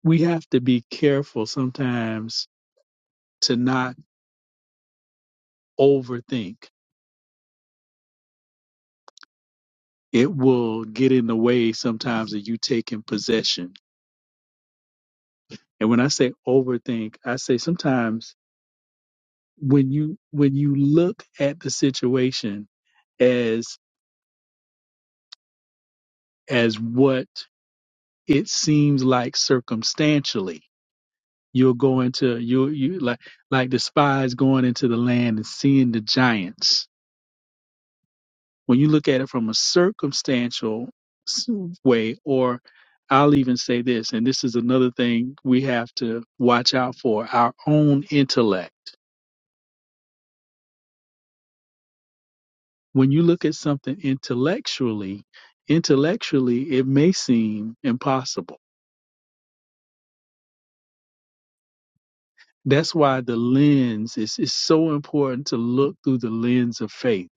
E: we have to be careful sometimes to not overthink. It will get in the way sometimes of you taking possession. And when I say overthink, I say sometimes when you when you look at the situation as as what it seems like circumstantially, you'll go into you you like like the spies going into the land and seeing the giants When you look at it from a circumstantial s- way, or I'll even say this, and this is another thing we have to watch out for our own intellect. When you look at something intellectually, intellectually, it may seem impossible. That's why the lens is, is so important to look through the lens of faith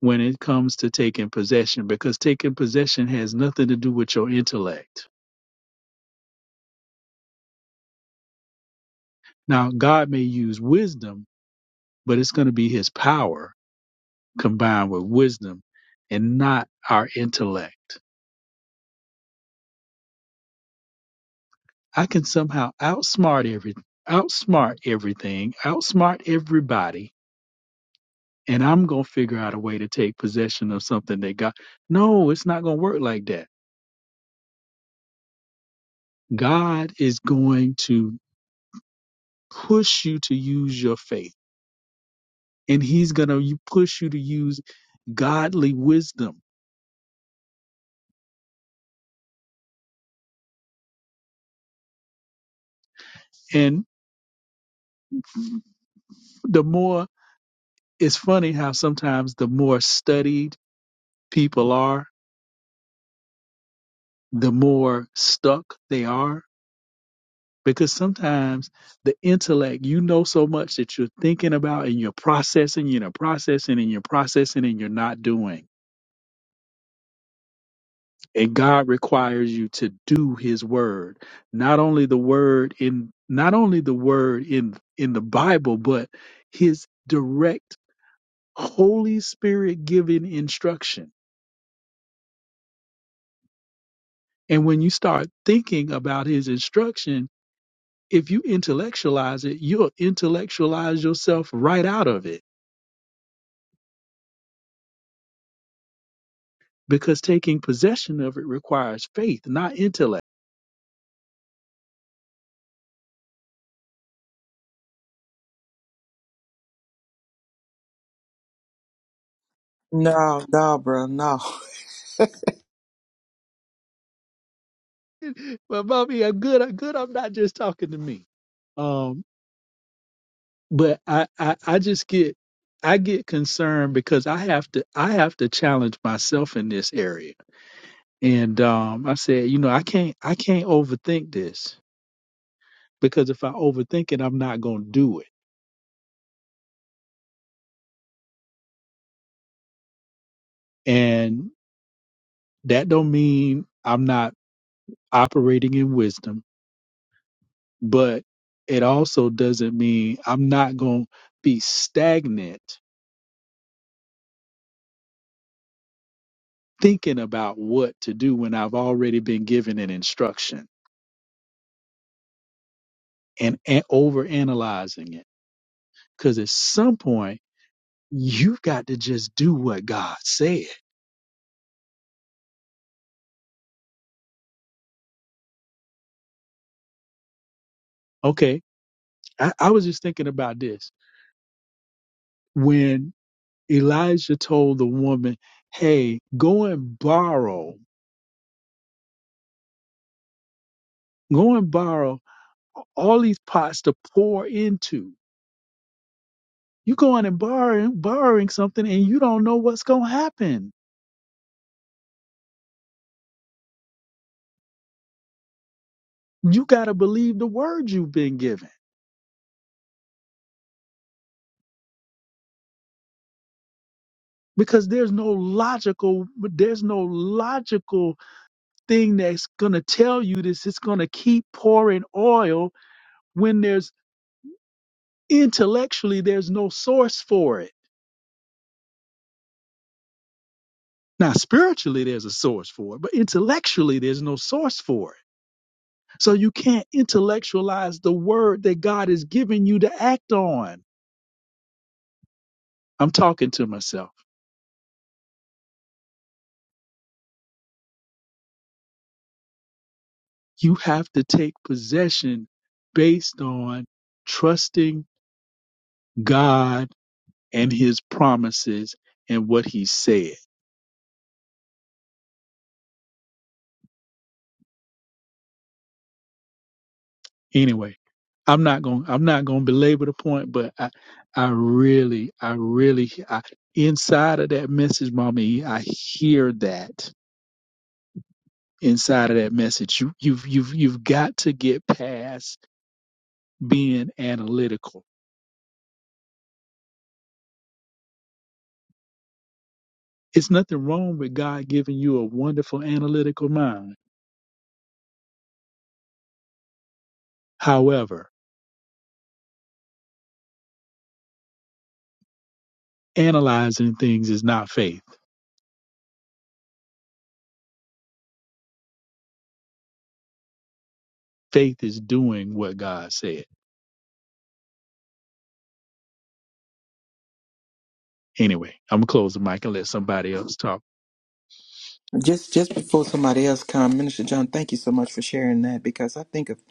E: when it comes to taking possession, because taking possession has nothing to do with your intellect. Now, God may use wisdom but it's going to be his power combined with wisdom and not our intellect. I can somehow outsmart every outsmart everything, outsmart everybody, and I'm going to figure out a way to take possession of something that God No, it's not going to work like that. God is going to push you to use your faith and he's going to push you to use godly wisdom. And the more it's funny how sometimes the more studied people are, the more stuck they are. Because sometimes the intellect, you know so much that you're thinking about and you're processing, you're processing and you're processing and you're not doing. And God requires you to do his word. Not only the word in not only the word in in the Bible, but his direct Holy Spirit given instruction. And when you start thinking about his instruction, if you intellectualize it, you'll intellectualize yourself right out of it because taking possession of it requires faith, not intellect. <laughs>
D: No, no, bro, no.
E: But mommy, I'm good. I'm good. I'm not just talking to me. Um, but I, I, I just get, I get concerned because I have to, I have to challenge myself in this area. And um, I said, you know, I can't, I can't overthink this because if I overthink it, I'm not going to do it. And that don't mean I'm not operating in wisdom, but it also doesn't mean I'm not going to be stagnant thinking about what to do when I've already been given an instruction and, and over analyzing it. Because at some point, you've got to just do what God said. Okay. I, I was just thinking about this. When Elijah told the woman, hey, go and borrow, go and borrow all these pots to pour into you going and borrowing borrowing something and you don't know what's going to happen you got to believe the word you've been given because there's no logical there's no logical thing that's going to tell you this it's going to keep pouring oil when there's intellectually there's no source for it now spiritually there's a source for it but intellectually there's no source for it so you can't intellectualize the word that god has given you to act on i'm talking to myself You have to take possession based on trusting God and his promises and what he said. Anyway, I'm not going I'm not going to belabor the point, but I I really I really I, inside of that message, mommy, I hear that inside of that message. You you've you've you've got to get past being analytical. It's nothing wrong with God giving you a wonderful analytical mind. However, analyzing things is not faith. Faith is doing what God said. Anyway, I'm gonna close the mic and let somebody else talk.
D: Just just before somebody else come, Minister John, thank you so much for sharing that because I think of,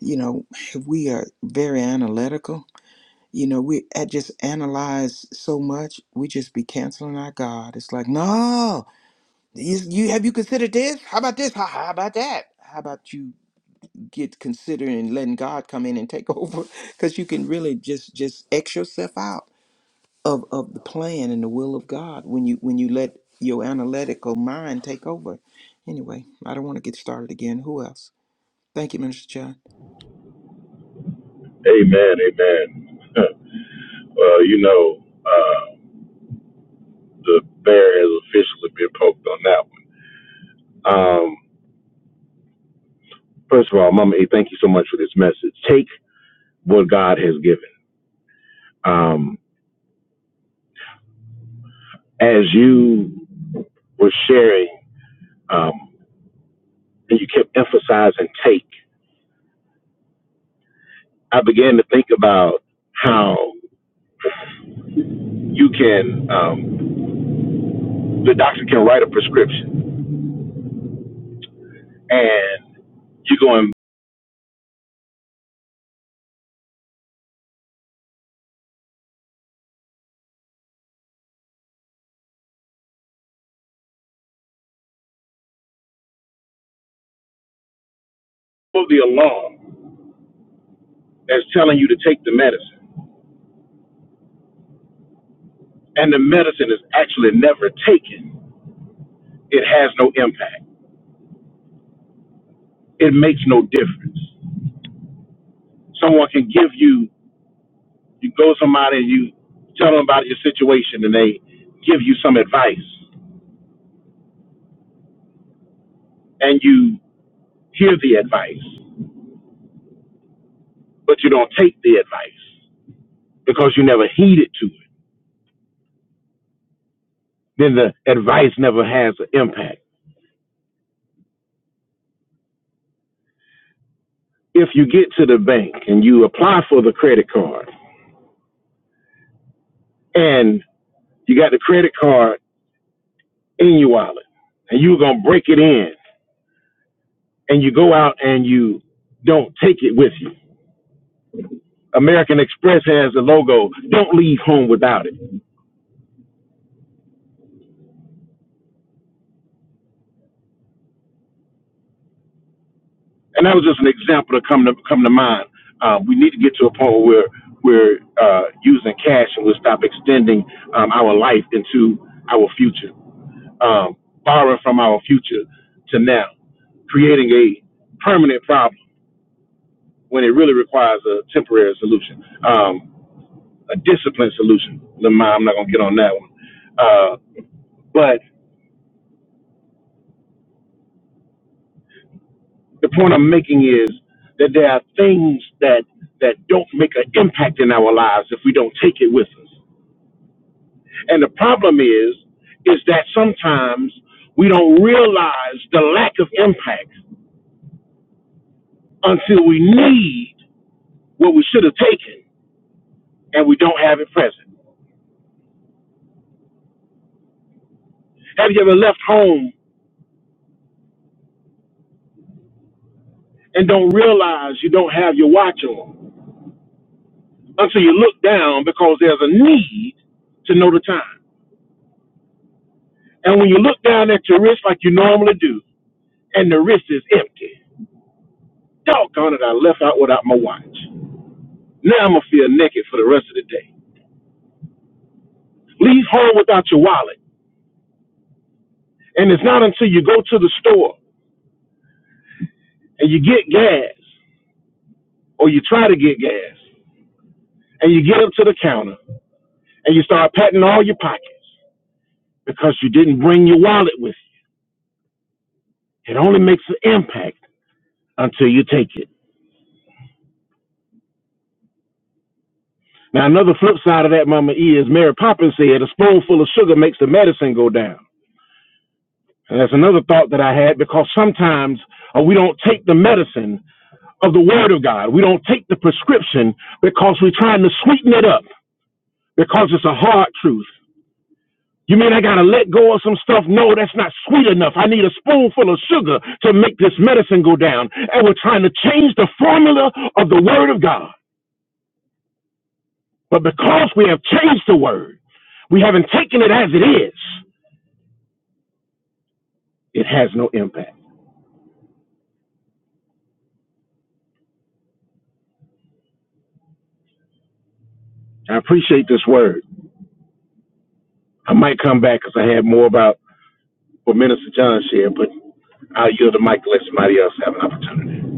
D: you know, we are very analytical. You know, we I just analyze so much, we just be canceling our God. It's like, no, you, you have you considered this? How about this? How, how about that? How about you get considering letting God come in and take <laughs> over because you can really just just X yourself out of of the plan and the will of God when you when you let your analytical mind take over. Anyway, I don't want to get started again. Who else? Thank you, Minister John.
C: Amen, amen. <laughs> well, you know, uh, the bear has officially been poked on that one. Um, first of all, Mama E, thank you so much for this message. Take what God has given. Um, as you were sharing, um, and you kept emphasizing take, I began to think about how you can. um, the doctor can write a prescription and you're going for the alarm that's telling you to take the medicine and the medicine is actually never taken it has no impact it makes no difference someone can give you you go to somebody and you tell them about your situation and they give you some advice and you hear the advice but you don't take the advice because you never heeded to it then the advice never has an impact if you get to the bank and you apply for the credit card and you got the credit card in your wallet and you're going to break it in and you go out and you don't take it with you. American Express has the logo, don't leave home without it. And that was just an example that come to, come to mind. Uh, we need to get to a point where we're uh, using cash and we'll stop extending um, our life into our future. um, borrowing from our future to now, creating a permanent problem when it really requires a temporary solution, um, a disciplined solution. Never mind, I'm not going to get on that one. Uh, but the point I'm making is that there are things that that don't make an impact in our lives if we don't take it with us. And the problem is, is that sometimes we don't realize the lack of impact until we need what we should have taken and we don't have it present. Have you ever left home and don't realize you don't have your watch on until you look down because there's a need to know the time? And when you look down at your wrist like you normally do, and the wrist is empty, doggone it, I left out without my watch. Now I'm gonna feel naked for the rest of the day. Leave home without your wallet, and it's not until you go to the store and you get gas, or you try to get gas, and you get up to the counter and you start patting all your pockets because you didn't bring your wallet with you. It only makes an impact until you take it. Now, another flip side of that, Mama E, is Mary Poppins said a spoonful of sugar makes the medicine go down. And that's another thought that I had because sometimes uh, we don't take the medicine of the Word of God. We don't take the prescription because we're trying to sweeten it up because it's a hard truth. You mean I gotta let go of some stuff? No, that's not sweet enough. I need a spoonful of sugar to make this medicine go down. And we're trying to change the formula of the Word of God. But because we have changed the Word, we haven't taken it as it is, it has no impact. I appreciate this word. I might come back because I had more about what Minister John shared, but I'll yield the mic to let somebody else have an opportunity.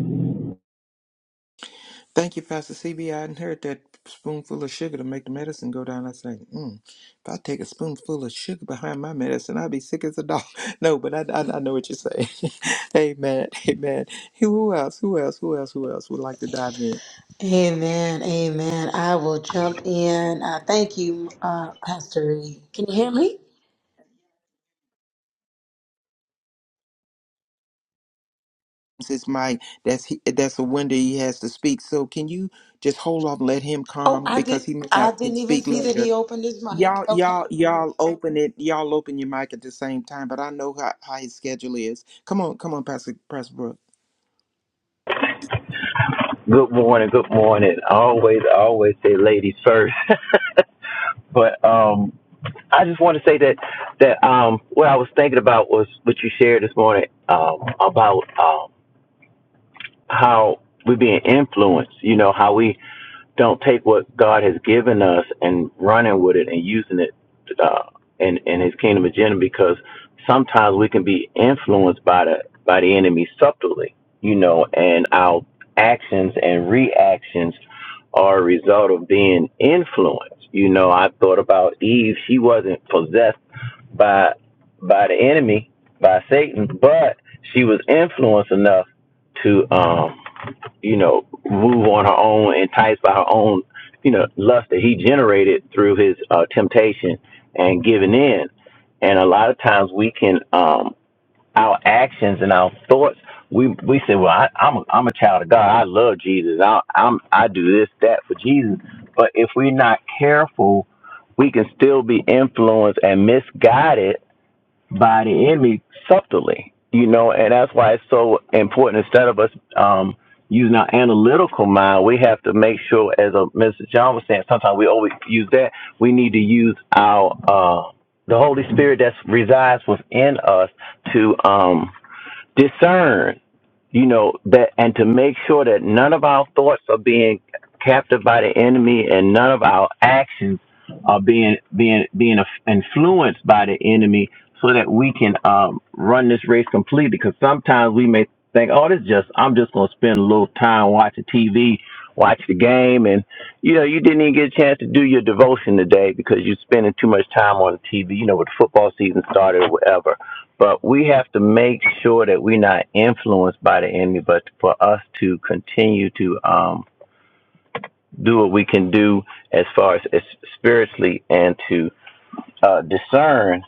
D: Thank you, Pastor CB. I hadn't heard that spoonful of sugar to make the medicine go down. I was like, mm, if I take a spoonful of sugar behind my medicine, I'd be sick as a dog. <laughs> No, but I, I, I know what you're saying. <laughs> amen. Aman. Who else? Who else? Who else? Who else would like to dive in?
B: Amen. Amen. I will jump in. Uh, thank you, uh, Pastor E. Can you hear me?
D: his mic. That's he, that's a window he has to speak. So can you just hold off, let him
B: Oh,
D: come
B: I
D: because
B: did.
D: he may
B: I
D: not can
B: didn't even
D: speak
B: see that he
D: later.
B: opened his mic.
D: Y'all,
B: Okay.
D: y'all, y'all open it. Y'all open your mic at the same time. But I know how, how his schedule is. Come on, come on, Pastor Pastor Brooks.
G: Good morning, good morning. I always, I always say ladies first. <laughs> but um I just want to say that that um what I was thinking about was what you shared this morning um about um how we're being influenced, you know, how we don't take what God has given us and running with it and using it uh, in in His kingdom agenda because sometimes we can be influenced by the by the enemy subtly, you know, and our actions and reactions are a result of being influenced. You know, I thought about Eve; she wasn't possessed by by the enemy by Satan, but she was influenced enough to um you know, move on her own, enticed by her own, you know, lust that he generated through his uh, temptation and giving in. And a lot of times we can, um, our actions and our thoughts, we we say, well, I, I'm a, I'm a child of God. I love Jesus. I, I'm I do this that for Jesus. But if we're not careful, we can still be influenced and misguided by the enemy subtly, you know, and that's why it's so important. Instead of us um, using our analytical mind, we have to make sure, as uh, Mr. John was saying, sometimes we always use that. We need to use our uh, the Holy Spirit that resides within us to um, discern you know that and to make sure that none of our thoughts are being captured by the enemy and none of our actions are being being being influenced by the enemy so that we can um, run this race completely because sometimes we may think oh this just i'm just going to spend a little time watching tv watch the game and you know you didn't even get a chance to do your devotion today because you're spending too much time on tv you know with the football season started or whatever but we have to make sure that we're not influenced by the enemy, but for us to continue to um, do what we can do as far as, as spiritually and to uh, discern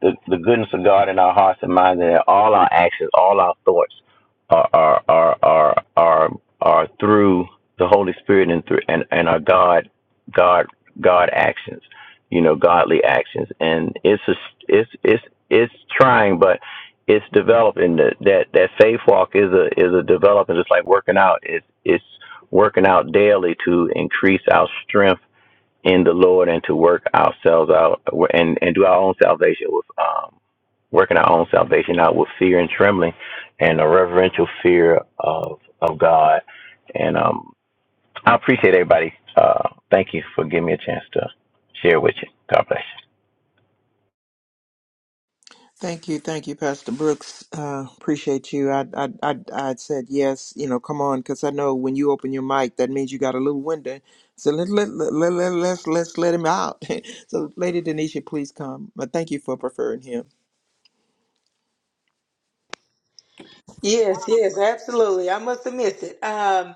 G: the, the goodness of God in our hearts and minds, and that all our actions, all our thoughts are are are are are, are through the Holy Spirit and through and, and our God God God actions, you know, godly actions. And it's a, it's it's it's trying, but it's developing that that that faith walk is a is a development. It's like working out. It's it's working out daily to increase our strength in the Lord and to work ourselves out and, and do our own salvation with um, working our own salvation out with fear and trembling and a reverential fear of of God. And um, I appreciate everybody. Uh, thank you for giving me a chance to share with you. God bless you.
D: Thank you, thank you, Pastor Brooks. Uh, appreciate you. I, I, I, I said yes. You know, come on, because I know when you open your mic, that means you got a little window. So let let let, let, let let's let's let him out. <laughs> so, Lady Denisha, please come. But thank you for preferring him.
B: Yes. Yes. Absolutely. I must have missed it. Um,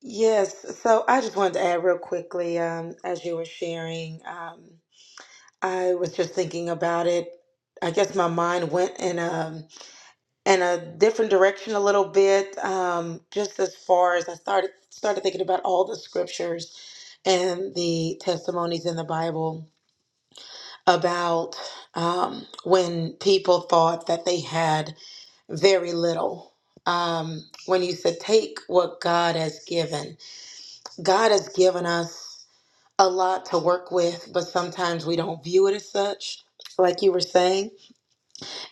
B: yes. So I just wanted to add real quickly um, as you were sharing. Um, I was just thinking about it. I guess my mind went in a in a different direction a little bit. Um, just as far as I started started thinking about all the scriptures and the testimonies in the Bible about um, when people thought that they had very little. Um, when you said take what God has given, God has given us a lot to work with, but sometimes we don't view it as such, like you were saying.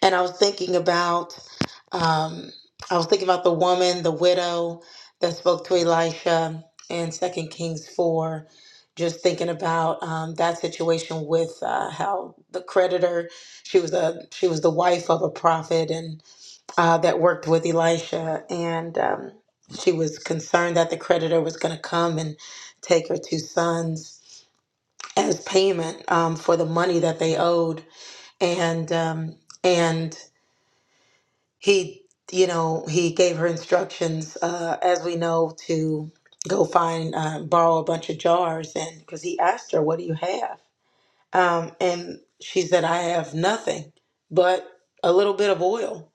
B: and I was thinking about, um, I was thinking about the woman, the widow that spoke to Elisha in Second Kings four. Just thinking about um, that situation with uh, how the creditor, she was a she was the wife of a prophet and uh, that worked with Elisha, and um, she was concerned that the creditor was going to come and take her two sons as payment um, for the money that they owed, and um, and he you know he gave her instructions uh, as we know to go find uh, borrow a bunch of jars and because he asked her what do you have um, and she said i have nothing but a little bit of oil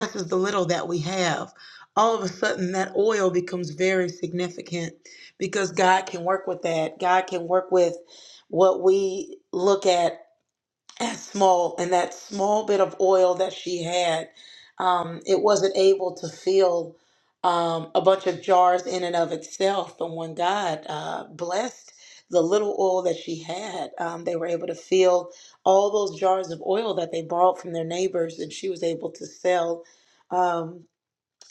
B: this is the little that we have all of a sudden that oil becomes very significant because god can work with that god can work with what we look at <clears throat> as small and that small bit of oil that she had um, it wasn't able to fill um, a bunch of jars in and of itself but when god uh, blessed the little oil that she had um, they were able to fill all those jars of oil that they borrowed from their neighbors and she was able to sell Um,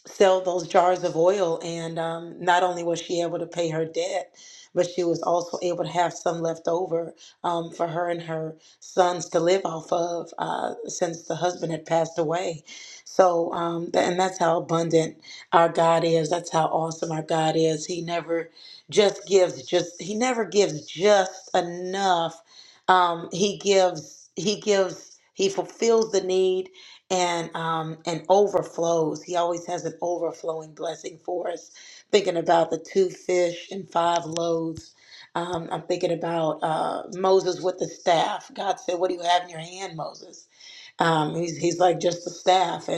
B: sell those jars of oil. And um, not only was she able to pay her debt, but she was also able to have some left over um, for her and her sons to live off of uh, since the husband had passed away. So, um, tha- and that's how abundant our God is. That's how awesome our God is. He never just gives, just, He never gives just enough. Um, he gives, He gives, He fulfills the need and um and overflows. He always has an overflowing blessing for us. Thinking about the two fish and five loaves. Um, I'm thinking about uh, Moses with the staff. God said, "What do you have in your hand, Moses?" Um, he's he's like just the staff,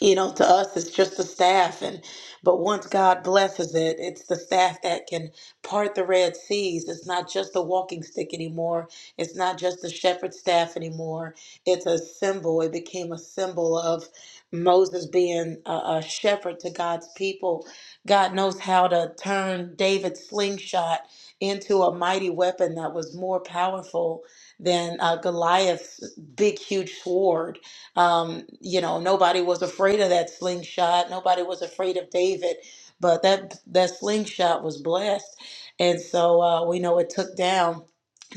B: you know to us it's just the staff and but once god blesses it it's the staff that can part the red seas it's not just the walking stick anymore it's not just the shepherd's staff anymore it's a symbol it became a symbol of moses being a, a shepherd to god's people god knows how to turn david's slingshot into a mighty weapon that was more powerful than uh, goliath's big huge sword um, you know, nobody was afraid of that slingshot. Nobody was afraid of David, but that that slingshot was blessed, and so uh, we know it took down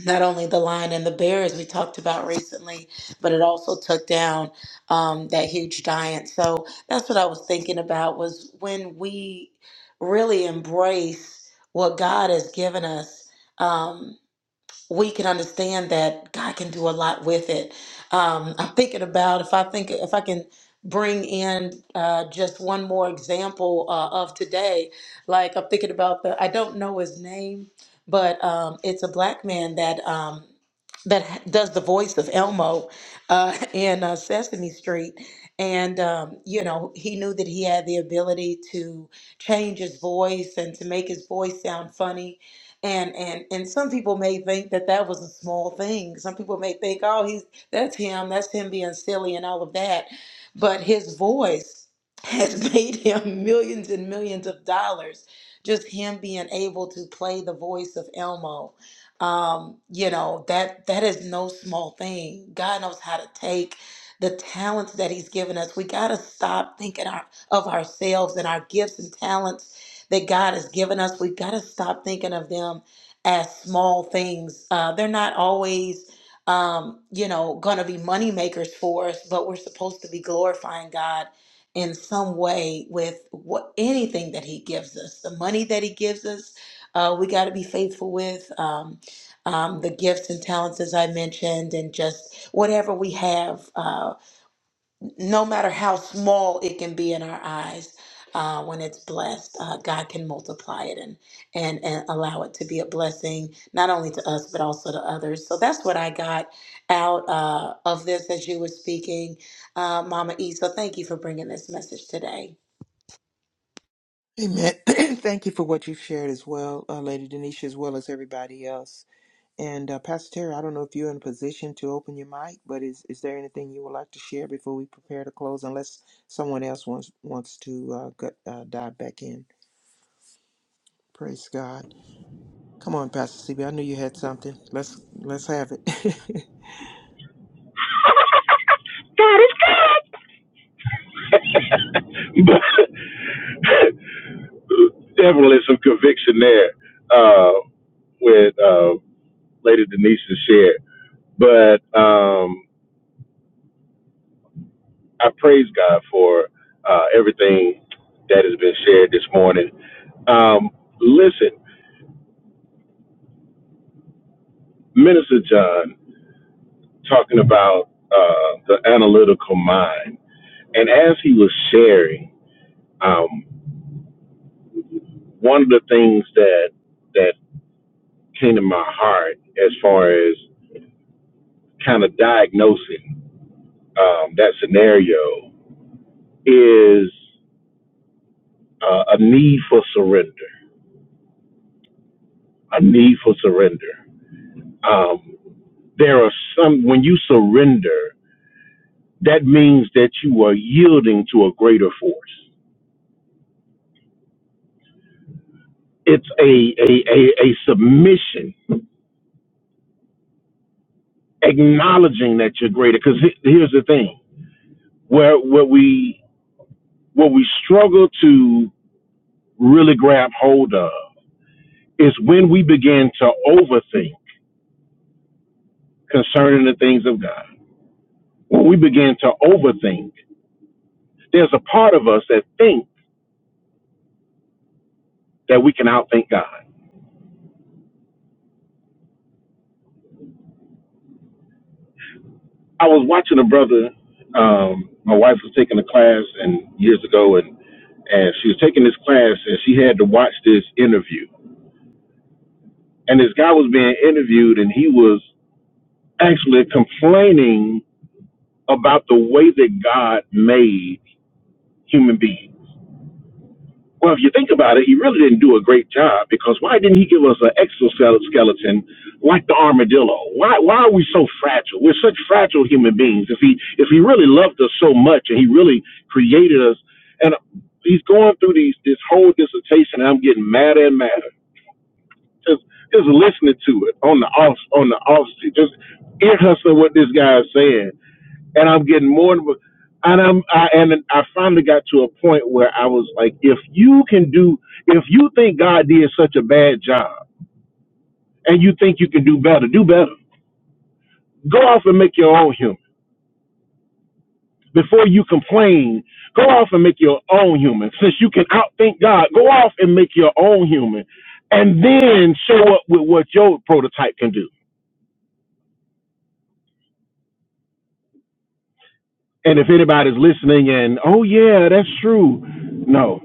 B: not only the lion and the bear as we talked about recently, but it also took down um, that huge giant. So that's what I was thinking about was when we really embrace what God has given us. Um, we can understand that God can do a lot with it. Um, <laughs> I'm thinking about if I think if I can bring in uh, just one more example uh, of today. Like I'm thinking about the I don't know his name, but um, it's a black man that um, that does the voice of Elmo uh, <laughs> in uh, Sesame Street. And, um, you know, he knew that he had the ability to change his voice and to make his voice sound funny and and and some people may think that that was a small thing some people may think oh he's that's him that's him being silly and all of that but his voice has <laughs> made him millions and millions of dollars just him being able to play the voice of elmo um, you know that that is no small thing god knows how to take the talents that he's given us we got to stop thinking our, of ourselves and our gifts and talents that God has given us. We've got to stop thinking of them as small things. Uh, they're not always, um, you know, going to be money makers for us, but we're supposed to be glorifying God in some way with what anything that He gives us, the money that He gives us. Uh, we got to be faithful with um, um, the gifts and talents, as I mentioned, and just whatever we have. Uh, no matter how small it can be in our eyes, uh, when it's blessed, uh, God can multiply it and, and and allow it to be a blessing not only to us but also to others. So that's what I got out uh, of this as you were speaking, uh, Mama E. So thank you for bringing this message today.
D: Amen. <clears throat> thank you for what you've shared as well, uh, Lady Denisha, as well as everybody else. And uh, Pastor Terry, I don't know if you're in a position to open your mic, but is is there anything you would like to share before we prepare to close? Unless someone else wants wants to uh, go, uh, dive back in. Praise God. Come on, Pastor CB. I knew you had something. Let's let's have it. <laughs>
C: Got it. But <laughs> definitely some conviction there uh, with. Uh, Lady Denise's shared, But um, I praise God for uh, everything that has been shared this morning. Um, listen, Minister John talking about uh, the analytical mind, and as he was sharing, um, one of the things that that came to my heart as far as kind of diagnosing um, that scenario is uh, a need for surrender, a need for surrender. Um, there are some, when you surrender, that means that you are yielding to a greater force. It's a, a, a, a submission, acknowledging that you're greater. Because here's the thing where, where, we, what we struggle to really grab hold of is when we begin to overthink concerning the things of God. When we begin to overthink, there's a part of us that think that we can outthink God. I was watching a brother. Um, my wife was taking a class and years ago, and and she was taking this class, and she had to watch this interview. And this guy was being interviewed, and he was actually complaining about the way that God made human beings. Well, if you think about it, he really didn't do a great job because why didn't he give us an exoskeleton like the armadillo? Why why are we so fragile? We're such fragile human beings. If he if he really loved us so much and he really created us, and he's going through these this whole dissertation, and I'm getting madder and madder just just listening to it on the off on the off just ear hustling what this guy is saying and I'm getting more and more. And I'm I, and I finally got to a point where I was like, if you can do, if you think God did such a bad job, and you think you can do better, do better. Go off and make your own human before you complain. Go off and make your own human. Since you can outthink God, go off and make your own human, and then show up with what your prototype can do. And if anybody's listening, and oh yeah, that's true. No,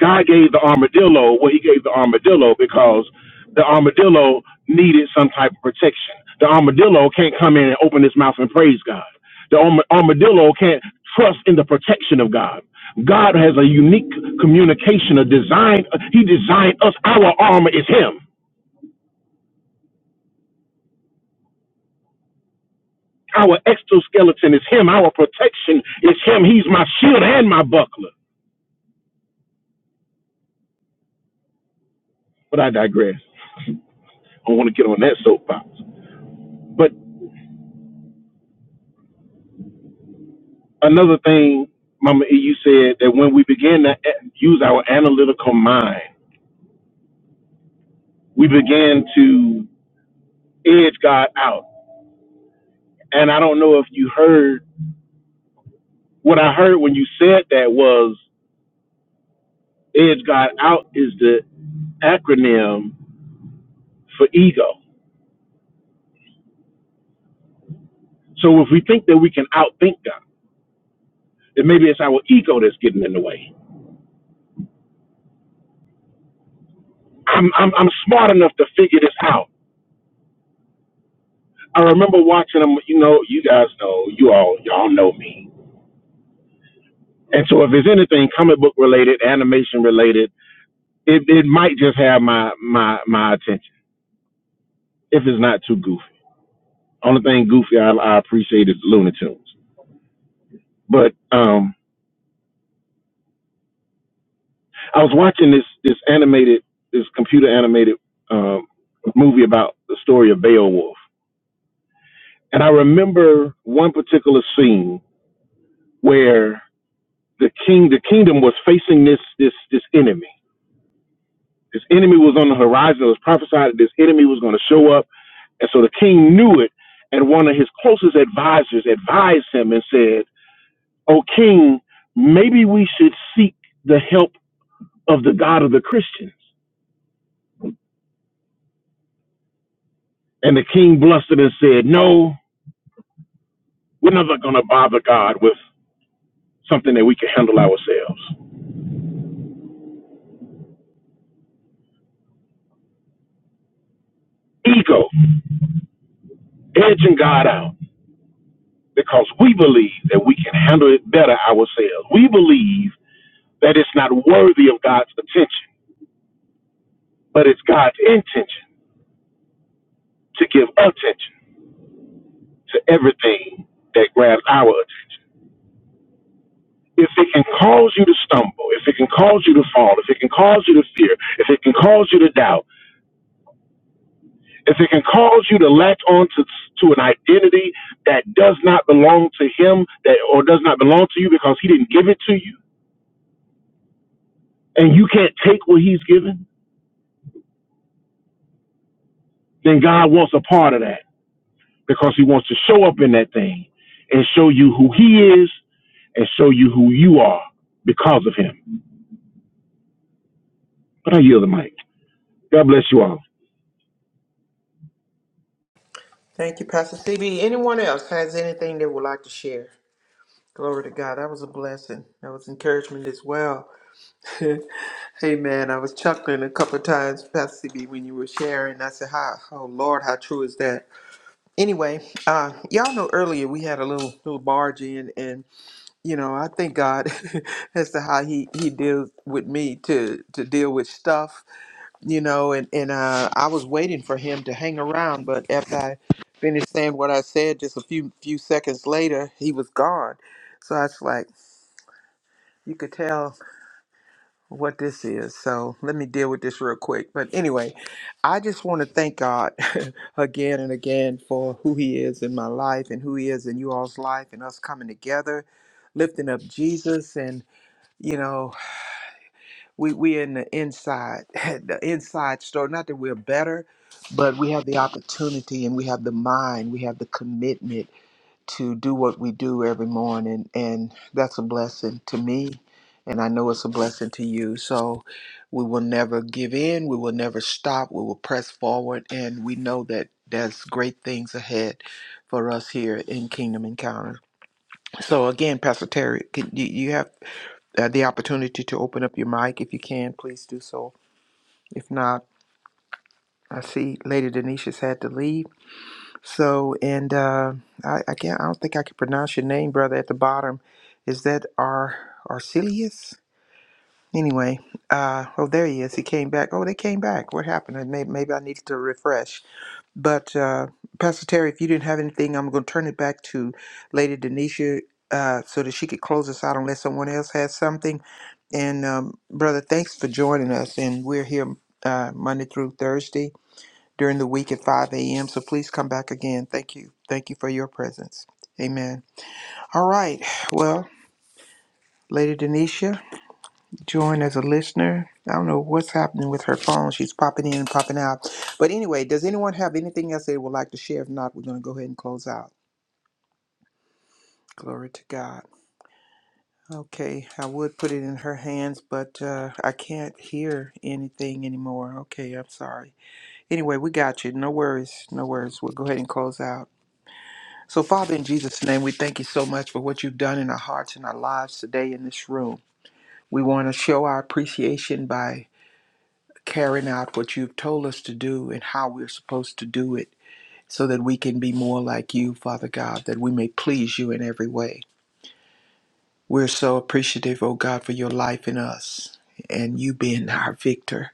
C: God gave the armadillo what he gave the armadillo because the armadillo needed some type of protection. The armadillo can't come in and open his mouth and praise God. The arm- armadillo can't trust in the protection of God. God has a unique communication, a design. He designed us. Our armor is him. Our exoskeleton is him. Our protection is him. He's my shield and my buckler. But I digress. I don't want to get on that soapbox. but. another thing, Mama E, you said that when we begin to a- use our analytical mind, we begin to edge God out. And I don't know if you heard what I heard when you said that was edge God out is the acronym for ego. So if we think that we can outthink God, then maybe it's our ego that's getting in the way. I'm I'm, I'm smart enough to figure this out. I remember watching them. You know, you guys know, you all y'all know me And so if it's anything comic book related, animation related, it, it might just have my, my, my attention if it's not too goofy. Only thing goofy I, I appreciate is Looney Tunes. But um, I was watching this, this animated, this computer animated um, movie about the story of Beowulf. And I remember one particular scene where the king, the kingdom was facing this, this, this enemy. This enemy was on the horizon. It was prophesied that this enemy was going to show up And so the king knew it, and one of his closest advisors advised him and said, O king, maybe we should seek the help of the God of the Christians. And the king blustered and said, No, we're not going to bother God with something that we can handle ourselves. Ego, edging God out, because we believe that we can handle it better ourselves. We believe that it's not worthy of God's attention, but it's God's intention to give attention. to everything that grabs our attention. If it can cause you to stumble, if it can cause you to fall, if it can cause you to fear, if it can cause you to doubt, if it can cause you to latch on to, to an identity that does not belong to him that or does not belong to you because he didn't give it to you, and you can't take what he's given, then God wants a part of that because he wants to show up in that thing and show you who he is and show you who you are because of him. But I yield the mic. God bless you all.
D: Thank you, Pastor CB. Anyone else has anything they would like to share? Glory to God. That was a blessing. That was encouragement as well. <laughs> hey man, I was chuckling a couple of times, Pastor CB, when you were sharing. I said, "How? Oh Lord, how true is that?" Anyway, uh, y'all know earlier we had a little little barge in, and you know I thank God <laughs> as to how He He deals with me to to deal with stuff you know, and, and uh, I was waiting for him to hang around, but after I finished saying what I said, just a few few seconds later, he was gone. So I was like, you could tell what this is. So let me deal with this real quick. But anyway, I just want to thank God <laughs> again and again for who He is in my life and who He is in you all's life and us coming together, lifting up Jesus and you know. we we in the inside <laughs> the inside story not that we're better but we have the opportunity and we have the mind we have the commitment to do what we do every morning and that's a blessing to me and i know it's a blessing to you so we will never give in we will never stop we will press forward and we know that there's great things ahead for us here in kingdom encounter so again pastor terry can you, you have uh, the opportunity to open up your mic, if you can, please do so. If not, I see Lady Denisha's had to leave. So, and uh, I, I can't. I don't think I can pronounce your name, brother. At the bottom, is that Ar Arcelius? Anyway, uh, oh, there he is. He came back. Oh, they came back. What happened? Maybe, maybe I needed to refresh. But uh, Pastor Terry, if you didn't have anything, I'm going to turn it back to Lady Denisha uh, so that she could close us out unless someone else has something. And um, brother, thanks for joining us. And we're here uh, Monday through Thursday during the week at 5 a.m. So please come back again. Thank you. Thank you for your presence. Amen. All right. Well, Lady Denisha join as a listener. I don't know what's happening with her phone. She's popping in and popping out. But anyway, does anyone have anything else they would like to share? If not, we're going to go ahead and close out. Glory to God. Okay, I would put it in her hands, but uh, I can't hear anything anymore. Okay, I'm sorry. Anyway, we got you. No worries. No worries. We'll go ahead and close out. So, Father, in Jesus' name, we thank you so much for what you've done in our hearts and our lives today in this room. We want to show our appreciation by carrying out what you've told us to do and how we're supposed to do it so that we can be more like you, Father God, that we may please you in every way. We're so appreciative, oh God, for your life in us and you being our victor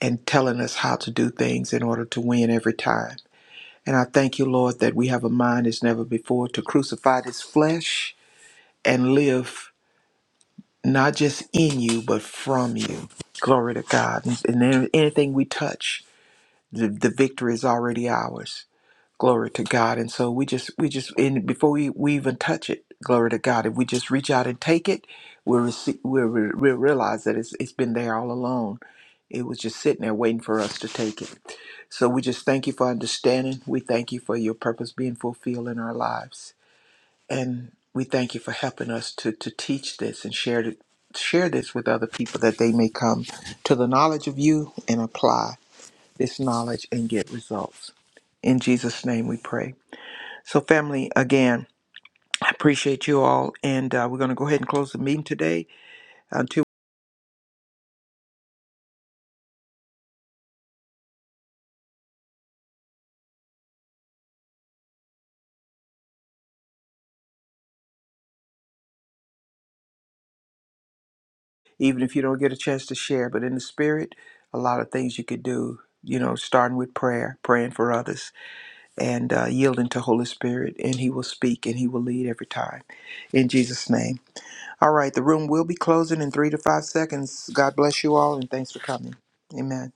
D: and telling us how to do things in order to win every time. And I thank you, Lord, that we have a mind as never before to crucify this flesh and live not just in you, but from you. Glory to God. And then anything we touch the, the victory is already ours glory to god and so we just we just and before we, we even touch it glory to god if we just reach out and take it we'll receive we'll, re- we'll realize that it's, it's been there all along it was just sitting there waiting for us to take it so we just thank you for understanding we thank you for your purpose being fulfilled in our lives and we thank you for helping us to to teach this and share it share this with other people that they may come to the knowledge of you and apply this knowledge and get results. In Jesus' name we pray. So, family, again, I appreciate you all. And uh, we're going to go ahead and close the meeting today, until, even if you don't get a chance to share. But in the spirit, a lot of things you could do, you know, starting with prayer, praying for others, and uh, yielding to Holy Spirit. And He will speak and He will lead every time. In Jesus' name. All right, the room will be closing in three to five seconds. God bless you all and thanks for coming. Amen.